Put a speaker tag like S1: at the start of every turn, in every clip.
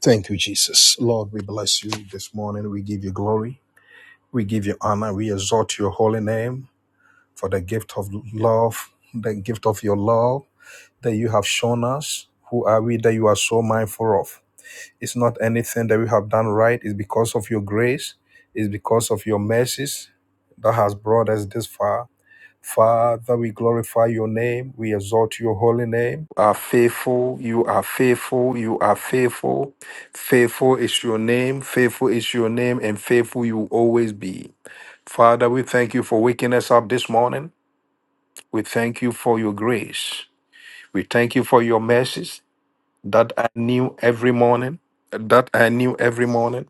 S1: Thank you, Jesus. Lord, we bless you this morning. We give you glory. We give you honor. We exalt your holy name for the gift of love, the gift of your love that you have shown us. Who are we that you are so mindful of? It's not anything that we have done right. It's because of your grace. It's because of your mercies that has brought us this far. Father, we glorify your name. We exalt your holy name. You are faithful. You are faithful. You are faithful. Faithful is your name. Faithful is your name, and faithful you will always be. Father, we thank you for waking us up this morning. We thank you for your grace. We thank you for your mercies that I knew every morning. That I knew every morning.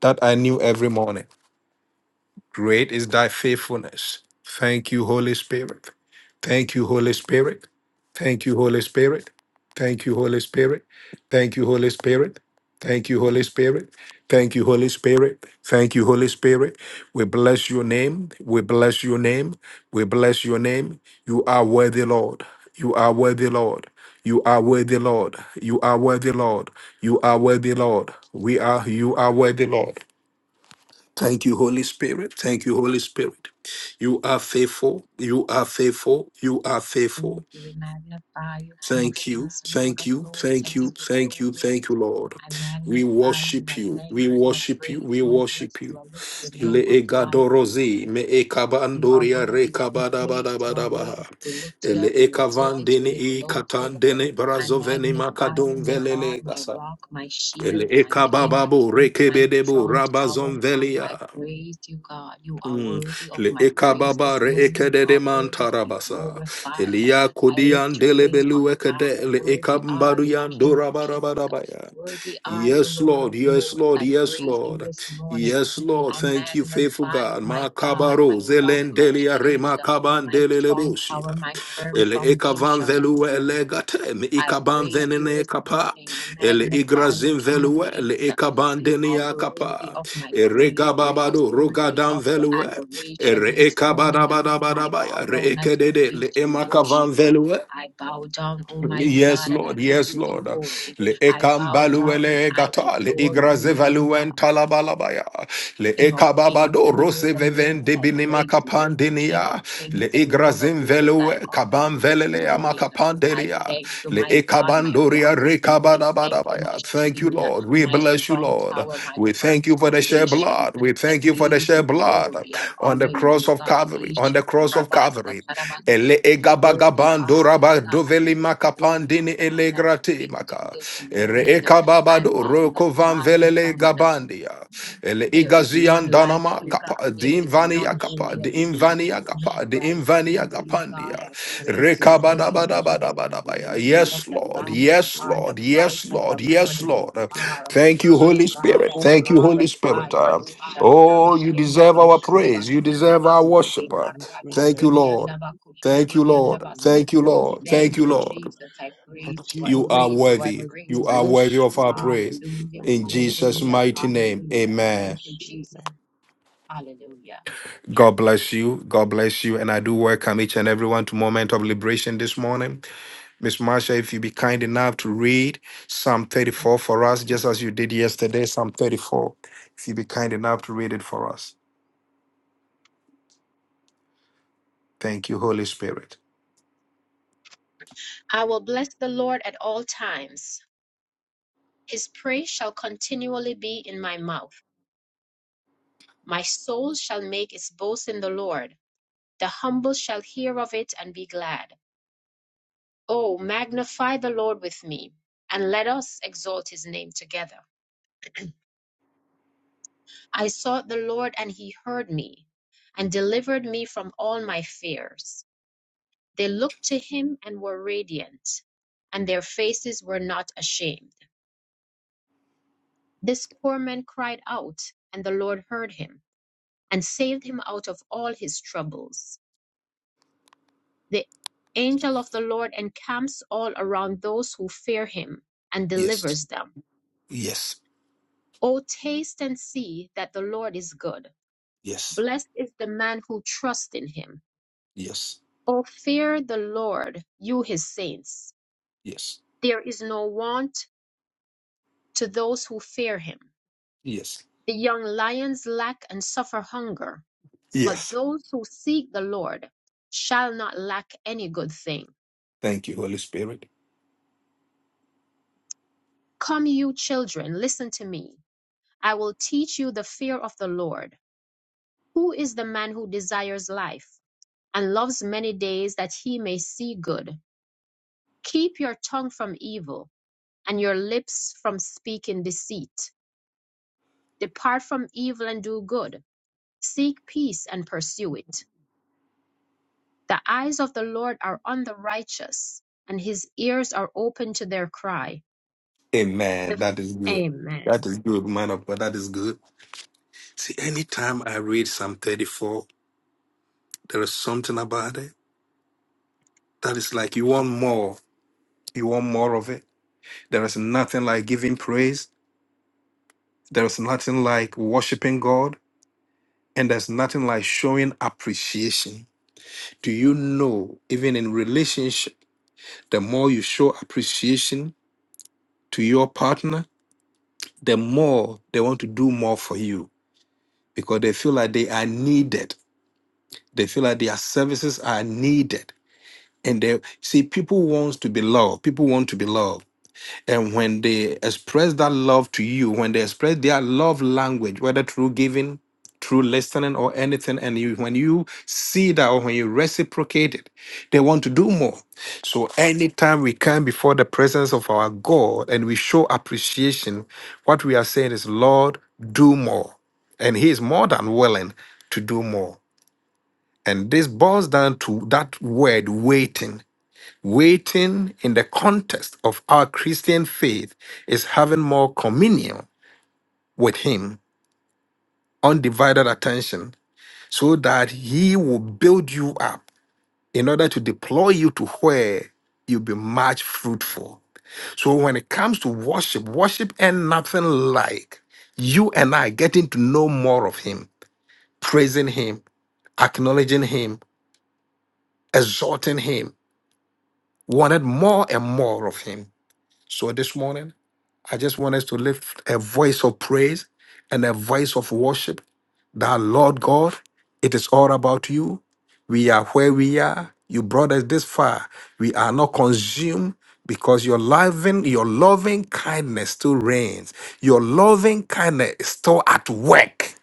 S1: That I knew every morning. Great is thy faithfulness. Thank you, Holy Spirit. Thank you, Holy Spirit. Thank you, Holy Spirit. Thank you, Holy Spirit. Thank you, Holy Spirit. Thank you, Holy Spirit. Thank you, Holy Spirit. Thank you, Holy Spirit. We bless your name. We bless your name. We bless your name. You are worthy, Lord. You are worthy, Lord. You are worthy, Lord. You are worthy, Lord. You are worthy, Lord. We are, you are worthy, Lord. Thank you, Holy Spirit. Thank you, Holy Spirit. You are faithful. You are faithful. You are
S2: praise
S1: faithful.
S2: you. We magnify you, King of
S1: Thank you.
S2: Kings, Lord
S1: Thank
S2: of
S1: you.
S2: Lords. I
S1: Thank you.
S2: give you
S1: Thank you.
S2: glory.
S1: Thank you, Lord.
S2: I
S1: We
S2: magnify you.
S1: worship
S2: I
S1: you.
S2: thank
S1: We
S2: you. I
S1: worship you.
S2: praise
S1: We
S2: you. I bless
S1: worship
S2: you.
S1: you.
S2: I lift your
S1: Le
S2: name on high.
S1: egadorozi me
S2: You are
S1: ekabandoria
S2: worthy to be praised. You are worthy
S1: rekabadabadabadabaha.
S2: to be lifted
S1: Ele
S2: up. You are worthy to
S1: ekavandini
S2: be
S1: i
S2: exalted.
S1: katandene
S2: I
S1: brazoveni
S2: magnify you,
S1: makadum
S2: my God,
S1: velele
S2: my
S1: gasa.
S2: rock, my
S1: Ele
S2: shield, my king,
S1: ekabababo
S2: my
S1: rekebedebo
S2: strong tower.
S1: rabazon
S2: I
S1: velia.
S2: praise you, God. You are
S1: Mm.
S2: worthy of
S1: Le
S2: my praise this
S1: ekababa re
S2: morning. You
S1: ekede de
S2: are worthy to be
S1: mantarabasa.
S2: glorified.
S1: Elia
S2: I lift
S1: kodian
S2: your name on
S1: delebelu
S2: high.
S1: ekede le
S2: Worthy are
S1: ekambaru
S2: you,
S1: yan
S2: King of kings.
S1: dorabarabarabaya.
S2: Worthy are you,
S1: Yes,
S2: Lord
S1: Lord.
S2: of
S1: Yes,
S2: lords.
S1: Lord.
S2: I
S1: Yes,
S2: praise you
S1: Lord.
S2: this morning.
S1: Yes, Lord.
S2: I
S1: Thank you, faithful
S2: magnify you,
S1: God.
S2: my
S1: Ma
S2: God,
S1: kabaro
S2: my rock,
S1: zelen
S2: my
S1: zelendelia re ma
S2: shield,
S1: kaban
S2: my strong tower,
S1: delelebosia.
S2: my firm
S1: Ele ekavan
S2: foundation.
S1: velue elegate, mi
S2: I
S1: ikaban
S2: praise you
S1: venene
S2: this
S1: kapa.
S2: morning. I
S1: Ele
S2: magnify you,
S1: igrazin
S2: King of
S1: velue, ele
S2: Kings.
S1: ekaban
S2: You are
S1: denia
S2: worthy
S1: kapa.
S2: of my
S1: Ere
S2: praise. You are
S1: gababado
S2: worthy
S1: rogadan
S2: of the
S1: velue.
S2: adoration
S1: Ere
S2: this morning. I bow
S1: ekabadabadabadabaya, re
S2: down at your
S1: ekedede, le
S2: feet in
S1: emakavan
S2: worship.
S1: velue.
S2: I bow down, Almighty
S1: Yes,
S2: God, and I
S1: Lord.
S2: give
S1: Yes,
S2: you the
S1: Lord.
S2: glory.
S1: Le
S2: I bow down and
S1: ekambaluele
S2: I
S1: gata le
S2: adore you, mighty God.
S1: igrazevalouen talabalabaya le
S2: King of kings
S1: ekababado
S2: and Lord of
S1: roseveven
S2: lords, I
S1: debinima
S2: praise you. King of
S1: kapandinia le
S2: kings and Lord of
S1: igrazin
S2: lords, I
S1: velue
S2: honor
S1: kaban
S2: you this
S1: velelea
S2: morning. I
S1: makapandelia
S2: thank you,
S1: le
S2: my God, my rock.
S1: ekabandoria
S2: I thank you, my
S1: rekabadabadabaya. Thank you,
S2: shield,
S1: Lord. We
S2: my
S1: bless you,
S2: strong
S1: Lord.
S2: tower, my
S1: We thank
S2: firm
S1: you for the shed
S2: foundation.
S1: blood. We
S2: I
S1: thank you for the
S2: give
S1: shed
S2: you
S1: blood
S2: glory. I
S1: on
S2: honor
S1: the cross
S2: you,
S1: of
S2: God.
S1: Calvary. On the cross of
S2: Ishikurabasa
S1: Calvary. Ele
S2: karabase. Worthy
S1: Pandora
S2: are
S1: ba
S2: you, God.
S1: doveli maka
S2: Worthy are
S1: pandini
S2: you, God. I
S1: elegrate
S2: praise you
S1: maka.
S2: this
S3: Bless
S1: Ere
S2: morning.
S1: eka
S2: I
S1: babado roko van
S2: magnify you,
S1: velele
S2: God.
S1: gabandia. Ele
S2: There is none
S1: igazian
S2: like
S1: danama
S2: you, God.
S1: kapa
S2: There
S1: dim
S2: is
S1: vania
S2: none
S1: kapa
S2: holy
S3: you,
S2: as
S1: dim
S3: bless
S2: you,
S3: you, I
S1: vania
S2: none
S1: kapa
S3: worship you,
S1: dim
S3: I
S2: righteous
S3: give you
S1: vania
S2: as you,
S3: praise.
S2: God.
S1: gapandia.
S2: I
S3: I take
S2: praise you
S3: praise
S1: Reka
S3: and honor
S1: bada
S2: this
S1: bada
S3: belongs to your
S1: bada
S3: holy
S2: morning.
S1: bada
S3: name, be
S2: The
S1: baya.
S2: Lily of
S3: magnified,
S1: Yes,
S3: be
S2: the
S1: Lord.
S2: valley,
S3: glorified,
S2: you
S1: Yes,
S3: thank
S2: are the
S1: Lord.
S3: you,
S2: bright
S1: Yes,
S3: Father.
S2: and the
S1: Lord. Yes,
S2: morning
S3: Thank
S1: Lord.
S3: you, King of
S2: star.
S3: Kings, I
S1: Thank you,
S3: bless
S2: Oh
S3: you,
S1: Holy
S3: I
S2: God,
S1: Spirit.
S3: bless
S2: I
S3: you, I
S1: Thank you,
S3: bless
S1: Holy
S3: you, I
S2: glorify
S1: Spirit.
S3: bless
S2: you.
S1: Uh,
S3: you,
S2: Oh
S3: I bless you.
S1: Oh, you
S3: I
S2: Shatarabayende
S1: deserve
S3: bless
S1: our
S3: your holy
S1: praise. You
S3: name, I
S2: Kiriyandabaso.
S1: deserve
S3: lift
S1: our
S3: you up, I
S1: worship. Uh,
S3: give you praise,
S1: Thank
S3: I
S1: you,
S3: say,
S1: Lord.
S3: worthy,
S1: Thank you, Lord.
S3: worthy,
S2: Ekarabasediyandabakushiriyandabasa.
S1: Thank
S3: worthy,
S1: you,
S3: unto
S1: Lord.
S3: you
S1: Thank
S2: Thank
S1: you,
S2: you,
S3: alone.
S1: Lord.
S2: Jesus. I praise
S3: Unto
S2: you.
S3: you
S2: I
S1: You
S3: alone,
S1: are
S3: the
S2: praise you.
S3: glory
S2: I
S1: worthy.
S3: must be,
S2: praise
S1: You
S3: I
S1: are
S2: you.
S3: bless
S1: worthy of
S3: you,
S1: our
S3: I give you
S1: praise.
S3: praise, I
S2: Hallelujah.
S3: give
S1: In
S3: you all the
S1: Jesus'
S2: Hallelujah.
S3: glory,
S1: mighty
S3: thank you,
S1: name,
S3: Lord,
S2: Hallelujah.
S3: I
S1: amen.
S2: Thank you,
S3: bless you.
S2: Jesus. Hallelujah.
S1: God bless you. God bless you. And I do welcome each and everyone to Moment of Liberation this morning. Miss Marsha, if you be kind enough to read Psalm 34 for us, just as you did yesterday, Psalm 34. If you be kind enough to read it for us. Thank you, Holy Spirit.
S2: I will bless the Lord at all times. His praise shall continually be in my mouth. My soul shall make its boast in the Lord. The humble shall hear of it and be glad. Oh, magnify the Lord with me, and let us exalt his name together. I sought the Lord, and he heard me, and delivered me from all my fears. They looked to him and were radiant, and their faces were not ashamed. This poor man cried out, and the Lord heard him and saved him out of all his troubles. The angel of the Lord encamps all around those who fear him and
S1: Yes,
S2: delivers them.
S1: yes,
S2: O taste and see that the Lord is good.
S1: yes,
S2: Blessed is the man who trusts in him.
S1: yes,
S2: O fear the Lord, you his saints.
S1: yes,
S2: There is no want to those who fear him.
S1: yes,
S2: The young lions lack and suffer hunger But
S1: yes.
S2: those who seek the Lord shall not lack any good thing.
S1: Thank you, Holy Spirit.
S2: Come, you children, listen to me. I will teach you the fear of the Lord. Who is the man who desires life and loves many days that he may see good? Keep your tongue from evil and your lips from speaking deceit. Depart from evil and do good. Seek peace and pursue it. The eyes of the Lord are on the righteous, and his ears are open to their cry
S1: Amen. That is good. That
S2: Amen.
S1: is good, man of God. That is good. See, anytime I read Psalm 34, there is something about it that is like you want more. You want more of it. There is nothing like giving praise. There is nothing like worshiping God. And there's nothing like showing appreciation. Do you know, even in relationship, the more you show appreciation to your partner, the more they want to do more for you because they feel like they are needed They feel like their services are needed. And they see people wants to be loved. People want to be loved. And when they express that love to you, when they express their love language, whether through giving, through listening or anything, and you when you see that or when you reciprocate it, they want to do more. So anytime we come before the presence of our God and we show appreciation, what we are saying is, Lord, do more. And He is more than willing to do more. And this boils down to that word waiting. Waiting in the context of our Christian faith is having more communion with Him, undivided attention, so that He will build you up in order to deploy you to where you'll be much fruitful. So when it comes to worship, worship and nothing like you and I getting to know more of Him, praising Him, acknowledging Him, exalting Him wanted more and more of him. So this morning, I just want us to lift a voice of praise and a voice of worship that Lord God, it is all about you. We are where we are. You brought us this far. We are not consumed because your loving, your loving kindness still reigns. Your loving kindness is still at work.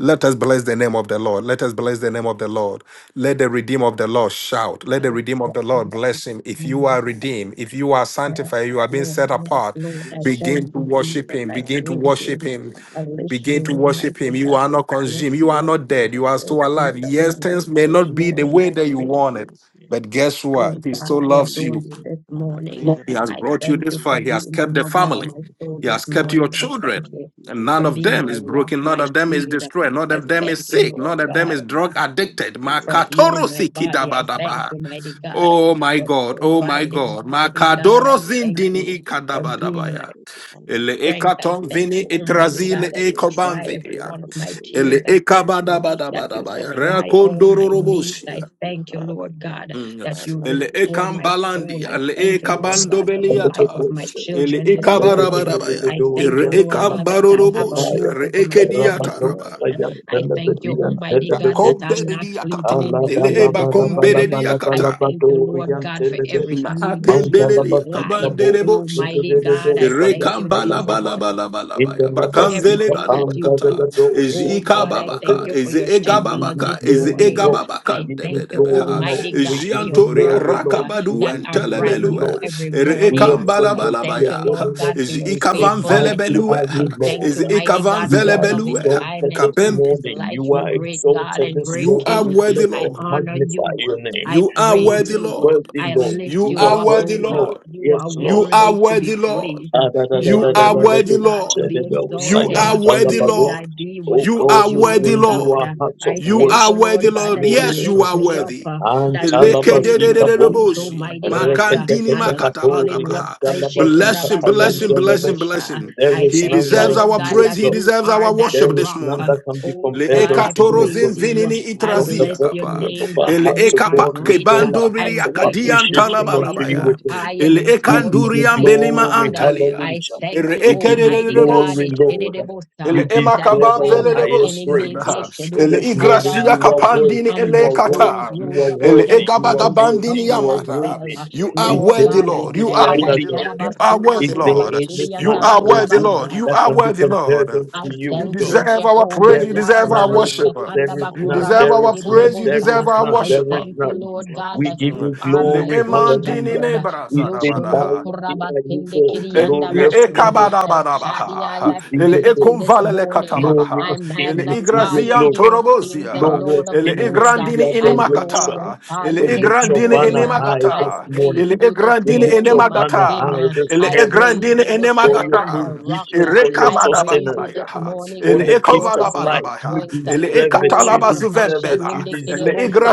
S1: Let us bless the name of the Lord. Let us bless the name of the Lord. Let the redeemer of the Lord shout. Let the
S2: Hallelujah.
S1: redeemer of the Lord bless him. If you are
S2: Hallelujah.
S1: redeemed, if you are sanctified, you are being
S2: Lord,
S1: set
S2: yes,
S1: apart,
S3: I
S2: Lord, I
S3: bless you and
S2: thank
S1: begin to
S3: give
S2: you,
S3: you praise.
S1: worship
S2: Jesus.
S1: him.
S3: I
S2: I
S3: thank
S1: Begin to
S3: you
S2: praise
S3: for
S1: worship
S3: who
S2: you.
S3: you
S1: him.
S3: are. I
S2: I lift
S3: bless you
S1: Begin
S2: you,
S3: and
S1: to
S3: I
S1: worship
S3: worship
S1: him.
S2: Almighty
S3: you.
S1: You
S3: I
S2: God.
S1: are
S3: give
S1: not
S3: you
S2: I bless
S1: consumed.
S3: praise.
S1: You
S2: you
S1: are not
S3: I
S2: for
S1: dead.
S2: the
S1: You
S3: say,
S1: are
S2: first
S1: still
S3: well, do
S1: alive.
S2: fruits of
S3: well,
S2: my
S1: Yes,
S3: do
S1: things
S2: lips
S1: may
S2: this
S1: not
S3: hallelujah
S1: be the
S2: morning.
S3: unto
S1: way
S2: I
S3: you,
S1: that you
S3: O
S2: praise
S3: Lord,
S1: want it.
S3: King
S2: you.
S3: of Kings.
S1: But guess
S3: You
S2: Oh
S1: what? He
S3: deserve
S2: God,
S3: the
S1: still
S2: I
S3: glory,
S1: loves
S3: you
S1: you.
S2: adore you
S3: deserve
S2: this
S3: the honor.
S2: morning.
S3: Praise and
S1: He has
S3: honor
S2: I
S3: be
S1: brought
S3: unto
S1: you
S3: your
S2: thank
S1: this
S2: you
S3: holy
S2: for
S1: far. He
S3: name.
S1: has
S2: being the
S1: kept the
S3: Be
S2: lover of
S1: family.
S2: my soul
S3: magnified,
S1: He
S3: be
S1: has
S2: this
S1: kept your
S2: morning. I
S3: glorified.
S1: children.
S2: thank
S3: Thank
S2: you
S3: you
S1: And
S3: for
S1: none
S2: for
S3: what
S1: of
S2: being
S3: you've
S1: them
S2: my
S1: is
S3: done, O
S2: rock,
S1: broken.
S3: God.
S1: None
S2: my
S1: of them is
S2: shield.
S3: Thank
S1: destroyed.
S3: you
S1: None
S3: for
S2: I
S1: of
S3: what
S1: them
S3: you're
S1: is
S2: thank you,
S3: about
S1: sick.
S3: to
S2: Lord
S1: None
S3: do
S1: of
S3: in
S1: them
S2: God.
S1: is
S3: my life.
S1: drug
S3: I thank
S1: addicted.
S3: you,
S2: and
S3: O
S2: for
S3: Lord.
S1: Makatoro
S2: healing my body. I
S3: I bless
S2: thank
S1: sikidabadaba.
S2: you,
S3: you, I
S2: mighty
S3: bless
S2: God,
S3: you,
S1: Oh
S3: I
S1: my
S2: for
S3: bless
S1: God.
S3: you, I
S1: Oh
S3: bless
S1: my
S2: providing,
S3: you.
S1: God.
S3: Spirit of
S2: Almighty
S3: faith, you
S2: God. I
S1: Makadoro
S3: deserve it,
S2: thank
S3: you
S1: zindini
S2: you
S3: deserve the
S2: for
S3: glory, you
S2: being my
S1: ikadabadabaya.
S3: deserve the honor.
S1: Ele
S2: strength. I
S1: ekaton
S3: Praise the
S2: thank
S1: vini
S2: you,
S3: honor be unto
S2: Almighty
S3: your
S2: God,
S1: itrazile
S3: holy
S2: that
S3: name,
S2: you
S3: your
S1: ekoban
S3: man,
S2: dry
S3: the
S2: every
S1: vidia.
S3: God,
S2: one of
S3: the
S2: my
S3: glory,
S1: Ele
S2: tears. I thank you
S3: Thank you,
S2: that you
S1: ekabadabadabadabaya.
S3: Father,
S2: supply
S3: thank you,
S2: all
S1: Reakondoro
S2: my
S3: Father,
S2: needs.
S1: robosia.
S2: I
S3: thank you,
S2: thank you,
S3: Father,
S2: Lord
S3: thank
S2: God,
S3: you,
S1: Mm.
S2: that
S3: Father,
S2: you
S3: I
S1: Ele
S3: bless
S2: restore
S3: you.
S2: my soul.
S1: ekambalandi,
S3: I
S2: I
S1: ele
S3: give you
S2: thank you,
S3: praise
S4: Dosa,
S2: Lord
S3: and I
S2: God, for
S3: give you
S2: the
S4: Alebe
S3: all
S2: life
S3: the
S1: ekabandobeliata,
S2: of my
S4: Doja,
S3: glory.
S1: ele
S2: children this
S3: All
S4: Alebe de
S3: honor
S2: morning.
S4: de de
S3: be
S4: de
S1: ekabarabarabaya,
S2: I
S3: unto your
S2: thank
S1: ere
S2: you,
S3: holy
S4: Dorian,
S3: name,
S2: Lord
S3: your
S2: God,
S4: Telaba
S2: that I have a
S3: man,
S1: ekambarorobosia,
S4: Bikabaya,
S2: roof
S1: ere
S2: over my
S3: be
S2: head this
S4: Rabado
S1: ekediataraba.
S2: morning.
S3: glorified,
S4: Sayan,
S3: be
S2: I
S4: Telebe
S2: thank you,
S4: Dian,
S3: glorified,
S2: Almighty
S3: be
S4: Telebe
S2: God, that I'm
S4: Boja,
S2: not
S3: magnified.
S2: sleeping
S1: Bakombedediakata,
S2: in
S3: Unto
S2: the
S1: ele
S4: Alaba
S3: you
S2: cold this
S4: Laba
S3: alone the
S4: Laba
S3: glory
S2: morning.
S4: Laba
S3: must
S4: Laba
S3: be.
S2: I
S1: ebakombedediakata.
S3: Thank
S4: Laba
S2: thank
S3: you,
S2: you, Lord
S3: Father.
S4: Dorian,
S3: I
S2: God, for
S4: Telebe,
S3: bless
S2: every
S3: you, I
S2: need that
S3: bless you,
S2: you
S3: I
S1: Akembelele
S4: Mandalaba
S3: bless you.
S2: supply.
S4: Bikabo,
S1: yakabandele
S3: I
S4: de
S1: boshia.
S3: bless
S4: de
S2: Almighty
S3: your
S4: de de
S3: holy
S2: God,
S3: name.
S2: I
S3: I
S4: Dosa
S3: say,
S2: thank
S4: Yan,
S2: you,
S3: worthy,
S1: Rekambala
S2: Jesus,
S3: worthy,
S4: Telaba,
S1: bala bala bala
S3: hallelujah.
S4: in the
S1: baya.
S2: for
S4: Laba
S3: Unto
S1: Bakamvele
S4: Zika,
S3: you
S2: everything
S1: balu
S2: that
S3: alone
S4: Anda
S3: the
S2: you
S4: de
S1: bakata.
S3: glory
S4: de
S2: do.
S3: must be. I
S1: Ezi
S4: Dorian,
S2: Oh
S3: give you
S2: God,
S4: Telaba
S2: I
S3: all the
S1: ikababaka.
S2: thank you
S4: Bins.
S2: for
S3: glory.
S1: Ezi
S2: your
S4: We
S2: shed
S3: I
S4: give
S3: give
S2: blood
S3: you
S4: you
S1: egababaka.
S2: this
S3: all the
S1: Ezi
S4: glory,
S2: morning.
S4: Lord.
S3: praise.
S4: We
S1: egababaka.
S2: I
S4: give you
S1: Debe
S2: thank
S3: All
S2: you,
S1: debe
S3: honor be
S4: glory,
S1: ha.
S3: unto
S4: Lord.
S2: Almighty
S3: your
S4: We
S2: God,
S1: Ezi
S3: holy
S2: for
S4: give
S3: name.
S2: your
S4: you
S3: Be
S1: antoria
S4: glory,
S2: mercies
S4: Lord.
S2: uh,
S3: magnified.
S4: We
S1: rakabadu
S2: that
S4: give
S2: are
S4: you
S2: brand
S4: glory,
S1: entelebelue.
S2: new
S4: Lord.
S2: every
S1: Ere
S3: Unto you
S4: We
S2: morning.
S3: alone the
S4: exalt
S1: ekambala
S2: I
S3: glory
S1: bala
S3: must
S2: thank
S4: your
S2: you,
S1: baya.
S3: be. I
S4: holy
S2: Lord
S3: thank
S2: God,
S4: name.
S2: for
S1: Ezi
S3: you
S2: your
S3: and
S4: We
S3: I
S4: say,
S3: bless you. I
S1: ikavanvele
S2: faithfulness.
S3: thank
S4: Mighty
S1: belue.
S3: you
S4: are
S3: and I
S2: I
S4: you,
S3: bless
S2: thank
S3: you.
S4: Lord.
S1: Ezi
S2: you, mighty
S3: I
S2: God, for
S3: give
S4: You
S1: ikavanvele
S2: your
S3: the
S4: are
S3: all
S1: belue.
S2: loving
S3: honor,
S4: exalted
S2: kindness.
S4: this
S3: all
S1: Kabem,
S2: Who is
S3: praise be
S4: morning.
S2: like
S3: unto
S4: You
S2: you,
S3: your
S4: are
S3: holy
S2: great
S3: name, be
S2: God
S4: exalted
S2: and
S4: this
S2: great
S1: you
S4: morning.
S3: magnified.
S1: are
S2: King?
S4: We
S1: worthy,
S4: bless
S3: We
S2: I
S1: Lord.
S4: and
S3: could always
S2: honor
S3: say
S4: magnify your
S2: you.
S3: thank
S4: name.
S3: you,
S2: I
S1: You are
S3: Father,
S2: praise
S1: worthy,
S4: You are
S3: thank
S2: you.
S1: Lord.
S3: you,
S4: worthy,
S2: I
S4: Lord.
S2: lift
S1: You
S4: You
S2: you
S4: are
S1: are
S3: thank
S2: up,
S1: worthy,
S2: oh
S3: you,
S4: worthy,
S2: God.
S4: Lord.
S3: thank
S1: Lord.
S3: you.
S2: You
S4: Yes,
S2: are
S3: I
S1: You
S4: Lord.
S1: are
S3: worship
S2: worthy to
S3: you,
S1: worthy,
S2: be
S3: I bless
S1: Lord.
S2: praised.
S3: you,
S4: Ah,
S2: Uh,
S4: da,
S3: I
S4: da, da,
S2: You
S3: bless
S1: You
S2: are
S3: you,
S1: are
S3: I
S2: worthy,
S3: bless
S1: worthy,
S3: you,
S2: God,
S3: I
S1: Lord.
S2: to be
S3: bless you, I
S1: You
S2: exalted.
S3: bless
S1: are
S2: Uh,
S3: you.
S1: worthy,
S2: Where would I
S1: Lord.
S2: be
S3: Unto you
S4: Oh
S1: You
S2: without
S4: God,
S1: are
S3: alone,
S4: we
S2: you,
S3: O
S1: worthy,
S2: Lord
S4: bring
S3: God, be
S4: you
S1: Lord.
S2: God?
S3: the
S4: our
S2: Uh,
S4: hearts of
S2: I
S3: glory.
S1: You
S2: thank
S1: are
S2: you,
S4: worship
S1: worthy,
S2: Lord
S4: this
S2: God,
S1: Lord.
S2: that you
S4: morning,
S1: Yes, you
S4: O
S2: lift
S1: are
S2: me
S4: God.
S2: up,
S1: worthy.
S2: uh,
S4: And
S2: that you
S3: Just give
S2: place
S3: you
S4: talabazika
S2: my
S3: honor, praise
S2: feet,
S3: and
S4: bochi.
S3: honor
S1: Elekededededebosia.
S3: be
S2: Almighty
S3: unto your
S2: God,
S3: holy
S2: uh,
S3: name, be
S1: Makandini
S2: on a
S3: magnified, be
S2: solid
S4: Reketekepekatori and
S2: rock.
S1: makatabatabaha.
S3: glorified. Thank you,
S4: talabazuka
S1: Bless him,
S3: Jesus.
S1: bless
S4: tayam
S1: him, bless
S3: Thank
S4: delebe.
S1: him,
S3: you,
S1: bless
S2: Aishikurabasindikirebosha.
S3: Father,
S1: him.
S3: thank
S4: There
S2: I
S4: is
S3: you,
S1: He
S2: thank
S3: God.
S4: none
S2: you,
S3: I
S1: deserves
S4: like
S3: bless
S2: Lord
S1: our
S4: you,
S3: you,
S2: God,
S4: O
S3: I
S1: praise.
S2: that
S1: He
S3: bless
S2: you
S3: you, I
S1: deserves
S4: God.
S2: are
S1: our
S3: worship
S2: that
S4: There
S3: you.
S1: worship
S4: is
S1: this
S2: rock.
S4: none
S2: Uh,
S1: morning.
S4: that can be
S2: Oh
S1: Le
S4: compared
S2: God, I
S4: unto you, O
S3: And
S4: God.
S1: ekatorozin
S3: you,
S2: praise
S3: O Lord,
S2: you.
S1: vinini
S3: my
S2: I
S3: man,
S4: From
S3: be
S4: the
S1: itrazia
S2: bless
S3: unto the
S2: your
S4: bottom
S3: Lord,
S1: kapa.
S3: the
S4: of
S2: name,
S4: our
S3: praise and
S2: God.
S1: el
S3: every
S4: hearts,
S2: You
S4: O
S3: word
S2: are
S3: of
S1: ekapa
S4: God,
S3: the
S4: we
S3: Lord.
S2: great
S4: pour our
S1: kebanduri
S4: hearts
S2: and
S4: of
S3: All honor
S2: greatly
S3: be
S1: akadian
S2: to
S3: unto
S2: be
S3: you,
S4: appreciation
S3: Lord,
S4: unto
S3: and
S2: praised.
S3: be
S4: you,
S2: You
S1: talabalabaya.
S4: O
S2: are
S4: God.
S2: high
S1: el
S2: and
S3: magnified. Thank
S4: We
S3: you,
S4: give
S2: exalted,
S1: ekanduri
S3: Jesus.
S4: you
S3: Thank
S2: mighty
S3: you,
S1: ambelima
S3: Lord.
S4: glory,
S2: God. Uh,
S1: antalia.
S2: I
S3: Thank
S4: hallelujah.
S3: you,
S2: thank
S3: Father.
S2: you,
S4: We
S1: Ere
S4: give
S3: Thank
S4: you
S3: you,
S2: Almighty
S3: Lord.
S2: God,
S3: Thank
S4: glory,
S3: you,
S4: Lord.
S3: Father.
S4: You
S2: Eshedebosa,
S1: Ele ema
S3: Thank
S2: that
S3: you,
S4: deserve
S1: kaban
S3: Father.
S4: our
S2: when
S1: vele
S3: I
S2: my
S4: highest
S1: lebosia.
S2: enemies
S4: praise.
S3: bless you. I
S1: Ele
S4: This
S3: bless you.
S4: morning
S3: I
S1: igracia
S4: you
S3: bless
S4: are
S3: you.
S2: Eshedebosadadasa,
S3: I
S4: worthy,
S1: kapandini
S3: bless
S2: and
S4: you
S3: you. I bless you.
S2: my
S1: ele
S4: are
S3: I
S4: worthy,
S2: foes
S1: kata.
S4: you
S2: rose
S4: are
S2: up
S3: bless
S1: Ele
S3: your
S4: worthy,
S2: against
S3: holy
S1: egaba
S4: you
S2: me,
S4: are
S2: they
S3: name. I give you
S4: worthy,
S1: gabandini
S2: stumbled
S4: you
S3: praise.
S4: are
S2: and
S3: I
S1: yamata.
S3: give
S2: fell.
S3: you
S4: worthy.
S2: Uh,
S3: all
S1: You
S3: the
S1: are
S4: Is
S3: glory.
S2: Lord
S4: there
S3: I
S1: worthy,
S2: God,
S3: give
S2: I
S1: Lord.
S3: you
S1: You
S4: any
S3: all
S2: thank
S3: the
S1: are
S2: you.
S4: other
S1: worthy,
S3: glory.
S1: Lord.
S4: God?
S1: You are
S3: I
S4: Is
S1: worthy,
S3: give
S4: there
S3: you
S1: Lord.
S4: any
S3: all the
S1: You
S4: man
S3: glory.
S1: are
S3: I
S4: or
S3: give
S1: worthy,
S3: you
S4: woman
S1: Lord.
S2: Shadabasundukurabashiriyandabakarabasa,
S3: all
S1: You
S3: the
S4: that
S1: are
S4: can
S3: glory.
S4: be
S3: I
S1: worthy,
S3: give you
S4: compared
S1: Lord.
S3: all
S4: unto
S3: the
S2: I
S4: you,
S3: praise.
S1: You
S4: O
S3: I
S2: thank
S4: God?
S2: you,
S3: give you
S1: deserve
S3: all
S1: our
S3: the
S2: Jehovah
S1: praise. You
S3: glory.
S4: There is
S1: deserve
S2: Jireh,
S1: our
S4: none,
S2: O
S4: O
S1: worship.
S4: God.
S3: unto you,
S2: Shatanda
S3: O
S4: There is
S1: You
S3: Lord.
S4: none.
S3: I
S2: Bakuraba
S1: deserve
S4: There
S1: our
S4: is
S3: bless
S4: none.
S3: you,
S1: praise. You
S4: There
S3: holy
S4: is
S1: deserve
S2: Sidididibosa.
S1: our
S3: name.
S4: none.
S2: I
S1: worship.
S4: There is
S3: I
S2: thank you,
S3: lift
S4: none.
S3: you
S2: Lord
S3: up
S2: God,
S4: We
S3: this
S2: that
S4: give
S2: you
S1: Mm.
S3: morning
S4: you
S3: as
S2: are
S3: the
S1: Le
S2: my
S4: glory.
S3: world
S2: good
S3: you
S1: eman
S3: never be.
S4: Hallelujah.
S2: shepherd.
S4: We say,
S2: Yoshondo
S1: nebra
S4: Mighty
S2: Kuraba
S4: are you,
S2: Sende
S3: Be
S4: Lord,
S2: Kirianda
S1: Ele
S4: glorious
S3: glorified, be
S4: King
S2: Bashu.
S4: of
S2: El
S3: magnified. Thank you,
S1: ekabadabadabaha.
S2: Shaddai, I
S4: receive
S1: Ele
S4: your
S3: Father.
S2: praise you this
S4: praise.
S2: morning. I
S1: ekonvalelekatabadaha.
S4: Glorious
S3: Thank
S1: Ele
S4: King,
S3: you,
S4: receive
S2: magnify
S3: Father.
S4: your
S2: you,
S1: igrazian
S3: Thank
S2: King
S4: glory.
S3: you,
S2: of Kings
S3: Father. You
S2: and
S1: torobozia.
S4: Glorious
S2: Lord
S3: deserve
S2: of
S3: it.
S1: Ele
S4: King,
S3: You
S2: Lords.
S4: receive
S1: igrandini
S4: your
S3: deserve it. Unto
S2: I
S3: you, O Lord,
S1: inimakata.
S4: adoration.
S3: O
S2: glorify
S1: Ele
S4: We
S2: you
S3: God.
S2: this
S4: lift your
S1: igrandini
S2: morning.
S4: banner
S3: Unto you, O
S4: high
S2: I
S3: Lord,
S4: this
S1: inimagata.
S3: O God.
S1: Ele
S2: praise
S4: morning.
S2: you
S3: Thank
S2: this
S3: you,
S4: We
S1: igrandini
S4: lift
S3: Father.
S4: your
S2: morning, my
S4: banner
S3: Unto you,
S2: King.
S3: O
S1: inimagata.
S4: high this
S1: Ele
S3: Lord.
S2: I
S4: morning
S2: praise
S3: I
S1: igrandini
S2: you this
S4: for
S3: bless you.
S4: your
S2: morning,
S3: I
S1: inimagata.
S2: my
S3: bless
S2: rock.
S3: you. I
S4: provision, for your
S3: bless
S2: I
S3: you. I
S2: praise
S4: sustenance,
S2: you
S3: bless
S2: this
S1: Irekabadabadabaya.
S3: you,
S2: morning,
S4: for
S2: the
S1: Ele
S4: the
S3: Lord.
S4: gift
S2: source
S4: of
S2: of
S3: I
S2: my
S4: life.
S3: lift
S1: ekovalabadabaha.
S4: You
S3: you
S2: strength.
S3: up, O
S1: Ele
S4: deserve it.
S3: God, as
S4: You
S3: the
S1: ekatalaba
S2: Oh,
S3: world
S4: deserve
S3: you never
S4: it.
S3: be.
S4: You
S1: zuvenbela.
S2: kashayende
S1: Ele
S4: deserve it.
S2: kerebosa,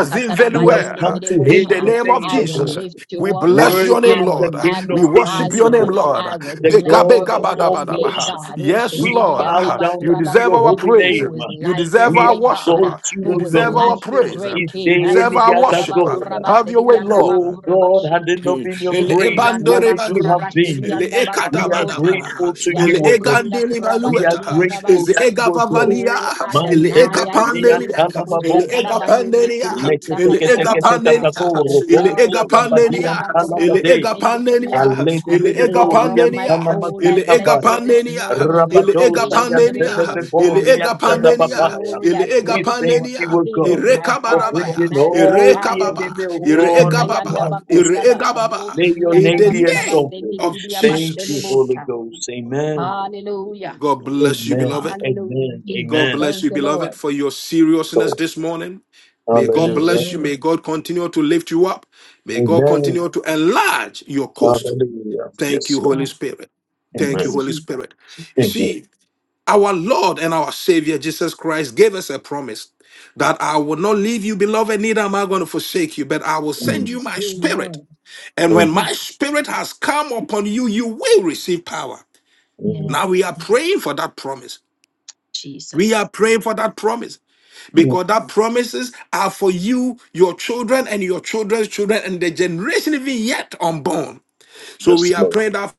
S4: We have
S3: God, we
S2: katarabayende
S4: come to
S3: want
S4: hail
S1: In the
S2: kerebosha.
S4: your
S1: name
S3: to
S1: of
S4: name,
S3: be
S2: I
S4: O
S2: will
S3: back
S1: Jesus,
S4: God.
S2: lift you
S1: we
S3: to
S2: up.
S1: bless
S4: Worthy
S1: your name,
S2: I
S4: is
S3: glory.
S2: will
S4: the
S1: Lord.
S4: King of
S1: We
S3: I
S2: magnify
S1: worship
S4: Kings, O
S1: your
S2: you.
S1: name,
S3: thank
S4: God
S3: you
S1: Lord.
S3: and
S2: I
S3: I
S2: will
S3: bless
S4: the
S2: bless
S1: Beka
S3: you. I
S4: God
S2: your
S1: beka
S4: of
S1: bada
S4: all
S2: holy
S3: worship.
S1: bada
S2: name,
S1: baha.
S4: flesh.
S2: God.
S1: Yes,
S3: I
S4: We
S3: give you
S1: Lord.
S4: bow
S3: praise.
S4: down
S3: I
S1: You
S4: unto
S3: give
S1: deserve
S3: you
S4: your
S1: our
S2: Ushetidiyandabakurabase.
S3: all
S4: holy
S3: the
S1: praise.
S4: name.
S2: Who is
S3: glory.
S1: You
S2: like
S3: Mm.
S2: your
S1: deserve
S4: We
S1: our
S2: great
S1: worship.
S2: God?
S4: exalt
S1: You
S4: you, O
S2: Who is
S1: deserve
S4: God.
S1: our
S3: Unto
S2: like your
S3: you, our
S1: praise.
S3: Lord,
S2: great
S4: Is
S3: God
S2: King?
S3: of
S1: You
S4: there
S3: glory,
S1: deserve
S4: any
S3: we
S1: our
S4: other
S3: deserve the
S1: worship.
S3: glory,
S4: God?
S3: we
S1: Have
S2: Ashetidiyandabakurabase,
S1: your way,
S3: deserve the
S1: Lord.
S4: Oh
S3: honor,
S4: God, had
S2: diyandabakurabashe.
S4: it not
S3: praise,
S4: been
S3: and
S4: your
S3: honor
S1: Ele
S3: be unto
S4: grace,
S3: your
S4: where
S1: ebandore
S3: holy
S4: would
S3: name,
S4: we
S3: be
S1: balua.
S4: have
S2: Shedikiyandabakurabashe,
S4: been?
S1: Ele
S3: magnified,
S1: ekata
S4: We are
S3: be
S1: bada
S2: diyandabasudobosa.
S1: bada.
S4: grateful to you,
S3: glorified.
S1: Ele
S3: I
S4: O God.
S3: bless
S2: Yashedianda
S1: egandeli
S3: you, I
S2: Kuraba
S4: We
S3: bless
S4: are
S1: balueta.
S3: you,
S2: Shedianda
S3: O
S4: grateful
S1: Ele
S4: to
S3: Lord, I
S4: you,
S2: Basi.
S4: O
S3: give you
S4: God.
S1: egavavalia.
S3: praise.
S2: O
S4: Man
S1: Ele
S3: I say,
S2: Adonai, I
S3: Lord,
S4: telebedi
S3: we
S2: claim
S1: ekapandenia.
S2: you.
S3: worthy,
S1: Ele
S3: hallelujah,
S4: antalababoshaya.
S3: shout
S2: Ushatarabayende
S3: unto
S1: egapandenia.
S3: you, O
S2: Kiribu
S3: Lord, O
S1: Ele
S3: God. I
S2: Sakatarabasa.
S1: egapandenia.
S4: Leketeketeketekatabo
S2: The
S3: worship
S1: Ele
S4: robo
S3: you,
S2: star
S3: I bless you,
S1: egapandenia.
S3: holy
S2: Ushataraba
S3: name,
S1: Ele
S2: Kuraba
S3: unto you,
S4: satabadia
S3: O Lord.
S2: Kusendi
S1: egapandenia.
S2: Kiriabasa.
S3: Thank
S1: Ele
S3: you, Lord.
S2: Lover of my
S1: egapandenia.
S2: soul, I
S1: Ele
S2: bless
S4: Aleleleleloriantalamazikapaya.
S2: you this
S1: egapandenia.
S3: I
S2: morning.
S3: bless
S1: Ele
S3: you, Lord, and I give you
S1: egapandenia.
S3: praise as
S1: Ele
S3: you
S2: Ishtaterebosa.
S3: Lord of
S2: King
S3: glory.
S2: of
S3: Glory and
S1: egapandenia.
S4: Rabadosayantelebeoriantalababaya.
S3: praise
S2: glory,
S3: to
S1: Ele
S2: I
S3: your holy
S4: We
S3: name,
S2: praise
S3: the
S4: thank
S2: you.
S3: master
S4: you,
S3: of
S4: O
S1: egapandenia.
S3: the
S2: King of
S4: God,
S3: glory.
S2: my
S3: I
S4: for
S2: heart, I
S1: Erekabadabaya,
S4: bringing
S3: thank
S4: all
S3: you
S2: magnify
S3: and I
S4: the
S1: erekababa,
S2: you.
S3: bless
S4: enemy of
S3: you. I
S2: O
S3: thank you
S4: God
S3: and I
S4: unto
S3: bless
S2: Shatayanda
S1: eregababa,
S4: our
S3: you. I thank
S2: Bakundaba,
S3: you
S4: footstool.
S3: and I bless
S1: eregababa.
S4: May your
S1: In
S2: Roshedianda
S4: name
S1: the
S4: be
S2: Bakuraba
S1: name
S3: you.
S4: exalted.
S2: Sendi
S1: of
S3: I give you
S4: Thank
S3: all
S1: Jesus.
S4: you,
S3: the
S4: Holy
S2: Kiriabashedebosa.
S3: glory. I give
S4: Ghost.
S3: you all the
S4: Amen.
S3: glory. I give you all the glory. Glory be
S2: Hallelujah.
S3: unto
S1: God
S3: your holy
S1: bless
S3: name,
S1: you,
S3: the
S4: Amen.
S1: beloved.
S3: master. I
S2: Hallelujah.
S4: Amen.
S3: thank you,
S1: God
S2: Jesus.
S3: Lord.
S4: Amen.
S1: bless
S2: Thank
S1: you,
S2: you,
S1: beloved,
S2: Lord.
S1: for your seriousness
S4: Lord.
S1: this morning. May God
S2: Thank you,
S4: Hallelujah.
S1: bless you.
S2: Lord.
S1: May God continue to lift you up. May God
S4: Amen.
S1: continue to enlarge your coast.
S4: Hallelujah.
S1: Thank
S4: Yes,
S1: you,
S4: Lord.
S1: Holy
S2: God.
S1: Spirit. Thank you,
S2: Yes,
S4: Amen.
S1: Holy
S2: Jesus.
S1: Spirit. You
S4: Amen.
S1: see, Our Lord and our Savior Jesus Christ gave us a promise that I will not leave you, beloved, neither am I going to forsake you, but I will send
S4: Amen.
S1: you
S2: Thank
S1: my
S2: you,
S1: spirit.
S2: Lord.
S1: And when my
S2: Jesus.
S1: spirit has come upon you, you will receive power.
S2: Yeah,
S4: Amen.
S1: Now we are praying for that promise. We are
S2: Jesus.
S1: praying for that promise because that promises are for you, your children, and your children's children, and the generation even yet unborn. So
S4: Yes,
S1: we are
S4: Lord.
S1: praying that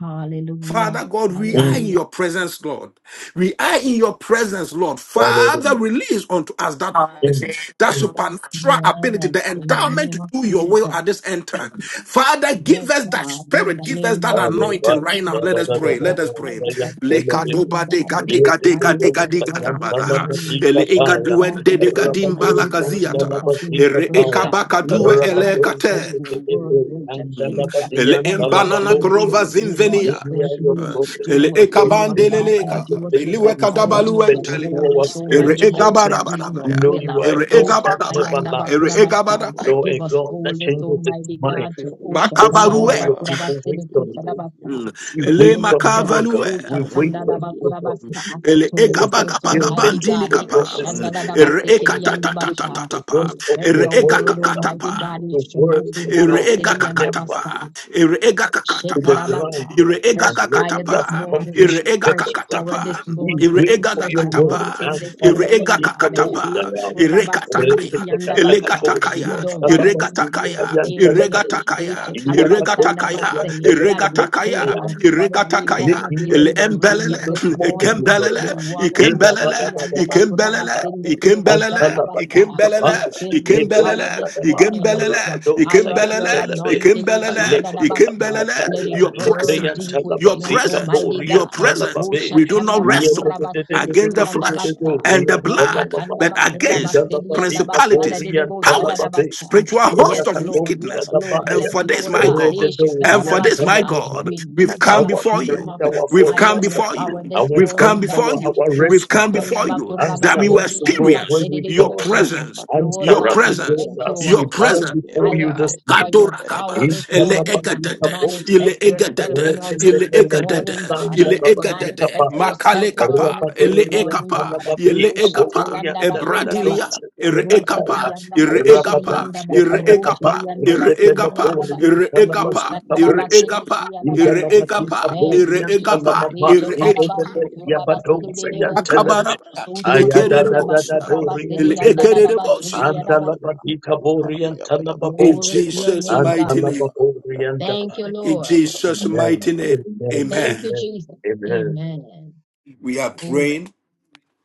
S2: Hallelujah.
S1: Father God, we are
S4: Mm.
S1: in
S2: Hallelujah.
S1: your presence, Lord. We are in your presence, Lord. Father,
S4: Hallelujah.
S1: release unto us that mercy,
S4: Mm.
S1: that
S4: Mm.
S1: supernatural ability,
S2: Yes,
S1: the
S2: in the
S1: endowment to
S2: name of
S1: do your will
S2: Jesus.
S1: at this end time. Father, give
S2: Yes,
S1: us that
S2: God, in
S1: spirit,
S2: the
S1: give us
S2: name
S1: that
S2: of Jesus,
S1: anointing
S4: Alleluia.
S2: yes,
S1: right now.
S4: Da,
S1: Let
S4: da,
S1: us
S2: mighty
S4: da, da,
S1: pray.
S2: God,
S4: da,
S1: Let us
S4: da,
S2: baptize
S1: pray.
S4: da,
S2: with
S4: da,
S2: the
S4: da,
S2: fresh,
S4: da,
S3: Glory
S4: da.
S2: mighty
S1: Lekatoba
S3: to
S2: God,
S3: you,
S1: deka
S2: with
S3: my
S4: Yes,
S2: your
S1: deka
S3: God,
S4: it
S2: fire,
S4: is
S1: deka
S3: my
S2: with
S4: all
S1: deka
S4: the
S2: your
S3: Jesus,
S1: deka
S3: for
S2: power
S4: time,
S3: your
S2: this
S4: son
S3: own
S4: of the
S3: sake to
S1: dabadaha.
S2: morning.
S1: Ele
S4: Rika
S1: ega
S3: function,
S2: Oh
S3: O
S4: Paya.
S2: God,
S3: God.
S1: duende
S2: we
S1: deka
S2: want to
S3: I
S2: be
S1: dimba
S4: Rabato,
S3: pray
S4: son of
S2: difference
S3: for your
S1: lakaziata.
S3: own
S4: the
S2: makers
S3: sake
S2: in
S3: to
S2: the
S4: Rika
S1: Ere
S2: earth.
S3: function
S1: eka
S4: Paya.
S2: Uh,
S3: in
S1: baka
S3: the mighty
S1: due
S2: Lord
S3: name
S2: God,
S1: ele
S3: of
S4: Rabato,
S3: Jesus.
S2: instead
S1: kate.
S3: I
S2: of
S4: tiki,
S2: your
S4: tiki,
S3: pray
S4: tiki,
S2: word,
S3: for your
S2: greater
S3: own
S4: and the
S3: sake to
S2: things uh,
S3: function.
S1: Ele
S4: Labadia,
S2: than what
S3: I
S1: embanana
S2: you
S3: pray
S2: did
S3: for
S4: Talababocha.
S1: krova
S2: when
S3: your
S2: you
S3: unction
S2: walked
S3: to
S2: the
S1: zinvenia.
S4: Many
S2: earth,
S4: are
S3: function,
S2: we
S4: your
S1: Eh,
S3: yes,
S2: will
S3: Lord. I
S4: prophecies
S1: Ele
S2: do.
S4: of
S3: pray
S4: God.
S3: for your
S2: Lord
S4: Many
S2: God,
S3: unction to
S1: ekabandeleleka.
S4: are the
S2: endure us
S3: function.
S4: things
S2: with
S4: that
S2: the
S3: Um,
S1: Beliweka
S4: you've
S2: power
S3: I
S2: and with
S4: whispered
S2: the
S3: pray for
S4: into
S1: dabaluentelia.
S4: our
S2: boldness,
S3: increasement
S1: Ere
S4: spirit
S3: of
S4: to
S2: Almighty
S3: oil,
S4: God.
S2: God, to
S3: oh
S2: do
S3: God.
S4: We
S2: your
S1: egabarabarabaya.
S4: know
S2: will.
S4: you
S2: Uh,
S3: In
S4: are a
S3: the
S1: Ere
S2: Oh,
S4: God
S3: mighty
S4: that
S3: name of
S4: never
S1: egabarabarabaya.
S2: Shatayanda
S1: Ere
S3: Jesus,
S4: lies.
S3: I pray
S2: Bakurabasta.
S3: for
S1: egabarabarabaya.
S3: your
S4: No, and
S2: Give us
S3: unction,
S4: God, that
S3: yes,
S2: boldness,
S4: changes
S3: Lord.
S4: its
S2: Almighty
S3: I
S4: mind.
S2: God,
S3: pray
S2: to
S3: for your
S4: This
S3: strength, oh
S2: Oshatayanda
S1: Makabarue.
S4: morning, your
S3: God.
S4: people wait
S2: Bakurabasele
S3: In
S4: on
S3: the mighty
S4: you.
S3: name
S2: Kusalabasa,
S1: Mm.
S3: of
S4: We
S2: to
S1: Ele
S4: wait
S3: Jesus, um,
S4: on you,
S2: minister,
S4: O God.
S3: to
S1: makavalue.
S3: do
S4: We wait
S2: Oshatanda
S4: on
S3: exploits,
S4: you, O
S3: yes,
S4: God.
S3: Lord, to
S2: Bakurabasa,
S3: do
S1: Ele
S2: to
S4: For the
S3: exploits. Um,
S2: witness,
S3: I
S4: fulfillment
S2: Almighty
S3: pray
S4: of
S1: egabagabagabandini
S2: God,
S4: your
S3: for your
S1: kapa. Mm.
S4: promises,
S2: Ekushanda
S3: oil,
S4: O
S3: your
S4: God.
S1: Ere
S4: For
S3: fresh
S4: the
S2: Dabasekedianda
S3: oil, to
S4: fulfillment,
S3: do
S2: Basha,
S4: O
S1: ekatatatatapa.
S4: God,
S2: to
S3: exploits.
S4: of
S3: um,
S2: spread
S1: Ere
S4: your
S2: your
S4: word.
S3: in
S2: word,
S3: the mighty
S2: Almighty
S1: egakakatapa.
S3: name
S2: God,
S3: of
S4: The
S3: Jesus
S4: word, O
S3: Christ. say
S4: God,
S3: Yes,
S1: Irega
S4: that
S2: Ishundukurabasedianda
S3: Lord, I
S4: never
S1: kakatapa,
S2: Basa.
S3: pray for your own
S1: irega
S4: to the
S1: kakatapa,
S3: sacrifice. and Yes,
S4: ground
S2: Shekarabata.
S3: Lord.
S1: irega
S2: Fresh
S3: In
S4: unless
S3: the
S2: fire
S4: it
S2: this
S4: that's
S3: mighty
S1: kakatapa,
S3: name of
S2: morning,
S4: accomplishing
S1: irega
S3: Jesus
S2: fresh
S3: Christ.
S4: purpose.
S3: I
S2: power
S3: move,
S2: this
S1: kakatapa,
S3: Lord,
S4: We
S3: I
S2: morning,
S4: wait
S3: come on,
S1: irega
S4: for
S2: fresh
S3: I
S4: your
S3: come on,
S4: word.
S3: I come
S1: kakatapa,
S3: on,
S2: anointing
S3: I
S4: And
S2: this
S3: come on.
S2: morning,
S1: irega
S3: If
S2: God.
S3: you pray for
S1: kakatapa,
S3: your
S4: Talabahikabodayam.
S3: time,
S1: irega
S3: come on, I come on,
S1: takaya,
S3: I move,
S1: irega
S3: Lord, I
S2: Ishikurabasinikiandabasha.
S3: turn,
S2: We
S1: takaya,
S3: I
S4: Reketekatakatoriam
S2: don't
S3: come on,
S2: want to
S3: I
S1: irega
S3: come on,
S2: leave
S3: I come on.
S2: here the
S1: takaya,
S4: Talabasikayan
S2: same
S3: Yan, I
S1: irega
S2: way
S4: Talabay.
S3: come on,
S1: takaya,
S3: and the Kebele,
S1: irega
S3: Bele, Bele,
S1: takaya,
S4: Iyabadotayam
S3: Bele,
S2: Ishikarabatandabase, that
S1: irega
S2: we
S1: takaya,
S2: came,
S4: Talabodayam.
S2: uh,
S3: Bele,
S2: but
S1: irega
S2: we want
S4: Lift
S2: to
S1: takaya,
S2: be
S4: me up
S1: ele
S4: to
S1: embelele,
S3: Yes,
S4: you
S3: I
S2: liberated
S4: this
S2: this
S3: come on, I
S4: morning,
S2: morning.
S4: you
S1: ikembelele,
S2: We
S3: come on, I come on. I turn, I come on, I move, Lord, I come on, I come
S2: want to
S1: ikembelele,
S3: on, I
S4: Lord.
S3: come
S1: ikembelele,
S3: on, I come on, I come on, I come on, I come on.
S1: ikembelele,
S3: Thank
S4: Antalabadika
S1: ikembelele,
S4: Baya,
S2: be filled with
S4: Lebo
S2: power this
S4: Sadaba,
S1: ikembelele,
S2: morning. The
S1: Ikimbelele,
S4: Rado
S2: fire of your
S1: Ikimbelele,
S4: Sayantelebe,
S2: anointing is in the
S1: Ikimbelele,
S4: Aleko
S2: Dabasa.
S1: Ikimbelele.
S2: Let
S4: Tataya,
S2: it
S1: Your
S2: burn
S4: Lebreyan
S1: presence,
S2: deep
S1: your
S2: within us,
S4: Talabazika,
S1: presence,
S2: Almighty
S1: your
S4: Borian
S2: God.
S1: presence.
S2: O
S4: Talababe,
S1: We do not
S2: Shatanda
S1: wrestle
S4: Yedorian
S2: Bakuraba
S1: against
S2: Seliki
S1: the
S2: and
S1: flesh
S2: Abasta.
S1: and the
S2: O
S1: blood,
S4: Talababa,
S2: Shatanda
S1: but
S2: Bakuraba
S1: against
S2: Seli and
S4: Indalabadika
S2: Abasta.
S1: principalities,
S2: de de
S4: Borian
S2: bo
S1: powers,
S4: Talababe,
S1: spiritual host
S2: Yes,
S1: of
S4: Rakaton
S2: Lord. Yes,
S1: wickedness.
S2: Lord.
S1: And
S4: Shadabaya,
S2: Yes,
S1: for this,
S2: Lord
S1: my
S2: God.
S1: God,
S2: Ish da
S1: and for
S4: Redorian
S1: this, my
S3: you.
S4: Talababa,
S1: God,
S2: We
S1: we've
S2: need a
S1: come
S3: Matondo
S4: our
S1: before
S2: baptism
S1: you.
S4: strength,
S2: of your
S4: our
S3: Kalabalaba,
S1: We've
S2: fire
S1: come
S2: and
S3: Eka
S4: fortress,
S2: your
S1: before
S2: power
S1: you.
S3: Palapalapa,
S2: this
S4: our
S1: We've
S3: Eka
S1: come
S4: strong,
S2: morning,
S1: before
S4: our,
S2: God.
S1: you.
S3: Palapalapa,
S4: our
S2: O
S3: Eka
S1: We've come
S4: refuge.
S2: Shatanda
S1: before
S3: Palapalapa,
S1: you
S3: Eka
S2: Bakuraba
S1: that
S4: Answer
S1: we will
S4: us,
S2: Seli
S4: O
S3: Palapalapa,
S2: and
S4: God, when
S1: experience
S2: Abasta. de
S4: we
S2: de
S1: your
S4: call.
S3: Palapalapa,
S1: presence,
S3: Matondo,
S2: Lord
S1: your
S4: Answer us,
S2: God,
S4: O
S2: we
S1: presence
S2: thank
S4: God,
S3: Yakamanda
S4: as
S2: you
S4: we
S1: your
S3: Balaba,
S4: bow
S2: for
S1: presence.
S2: your
S3: Eke
S4: before you
S2: fire
S3: Belepe,
S4: this
S2: for
S3: Eke
S4: morning.
S2: your
S3: Belepe,
S2: power
S1: Katorakaba,
S4: In
S2: this
S4: the
S1: ele
S4: name of
S2: morning.
S3: Eke
S2: uh,
S4: the
S1: egadete,
S3: Belepe,
S4: Lord,
S3: Yan
S1: ele
S2: Manifest yourself
S3: Palapaya,
S1: egadete,
S2: in our midst
S1: ele
S3: Matondo,
S2: this
S4: Rekesetelebo
S1: egadete,
S2: morning,
S3: Yakamanda
S2: God.
S4: Sanda
S2: uh,
S1: ele
S3: Balaba,
S4: Labatrika
S1: egadete,
S2: Manifest
S4: Paya.
S1: makale
S2: yourself in
S3: Palapaya,
S2: our
S1: kapa,
S2: midst this
S1: ele
S3: Kamanda
S4: Rabadorian
S2: morning,
S3: Balaba,
S1: ekapa,
S2: God.
S4: Talababe,
S1: ele
S3: Eka Balabalaba,
S1: egapa,
S3: Yan
S4: Aborian
S2: Ushatayanda
S3: Kabalabalaba,
S2: bakunda ba.
S1: ebradilia,
S3: Yan
S4: Dadadadosha
S1: ere
S3: Kabalabalaba,
S2: Roseti
S4: Tetegataya.
S1: ekapa,
S2: yanda ba
S1: ere
S3: Eka
S2: kushidi
S4: Rabada
S1: egapa,
S2: yanda ba.
S3: Balabalaba,
S1: ere
S3: Hende
S4: Yakatakaba,
S1: egapa,
S2: Roshidi yanda
S3: Belepe,
S2: ba
S1: ere
S3: Yan
S1: egapa,
S2: yanda ba.
S4: Rebeleborian
S1: ere
S3: Kabalabalaba, Yan
S1: egapa,
S4: Talabasika
S2: Ushatara
S1: ere
S2: ba
S4: Bosha.
S3: Kabalabalaba,
S2: sindi
S1: egapa,
S4: In the
S1: ere
S2: basa.
S4: Labatika
S1: egapa,
S2: Thank
S1: ere
S2: you,
S4: Borian
S2: Jesus.
S1: egapa,
S4: Talamaba,
S1: ere
S4: in
S1: egapa,
S2: Ishetarabando
S4: the
S2: kurabasidi
S4: Yabadosa
S2: dedebosa.
S4: Yan
S1: akabarabaya,
S2: Rosheti
S3: matondo
S1: mekerere
S2: yanda ba
S1: bosia,
S3: kabarabara
S4: Ayadadadadadorian
S3: heke
S2: kurabasidi
S1: ele
S2: yanda
S3: perebe
S4: telebe.
S1: ekerere
S2: dadaba
S3: yanta
S2: shidi
S1: bosia,
S3: kabaraba
S2: yadabasi.
S3: yaba
S4: Andalabadika
S3: ikaba
S4: borian
S3: yaba yaba
S1: in
S2: Glory
S4: talababoche.
S3: matondo
S2: to your
S3: barabo
S1: Jesus'
S2: name,
S1: mighty
S2: God.
S3: kabanda
S1: name.
S3: baraba
S4: Andalababorian
S3: yanta
S2: Thank you,
S4: dabai.
S3: kabarabara
S1: In
S2: Lord.
S3: barabara
S1: Jesus'
S3: barabara
S4: Amen.
S1: mighty
S3: barabara
S1: name,
S4: Amen.
S2: Thank
S1: amen.
S2: you,
S4: Amen.
S2: Jesus.
S4: Amen.
S2: Amen.
S1: We are
S2: Glory.
S1: praying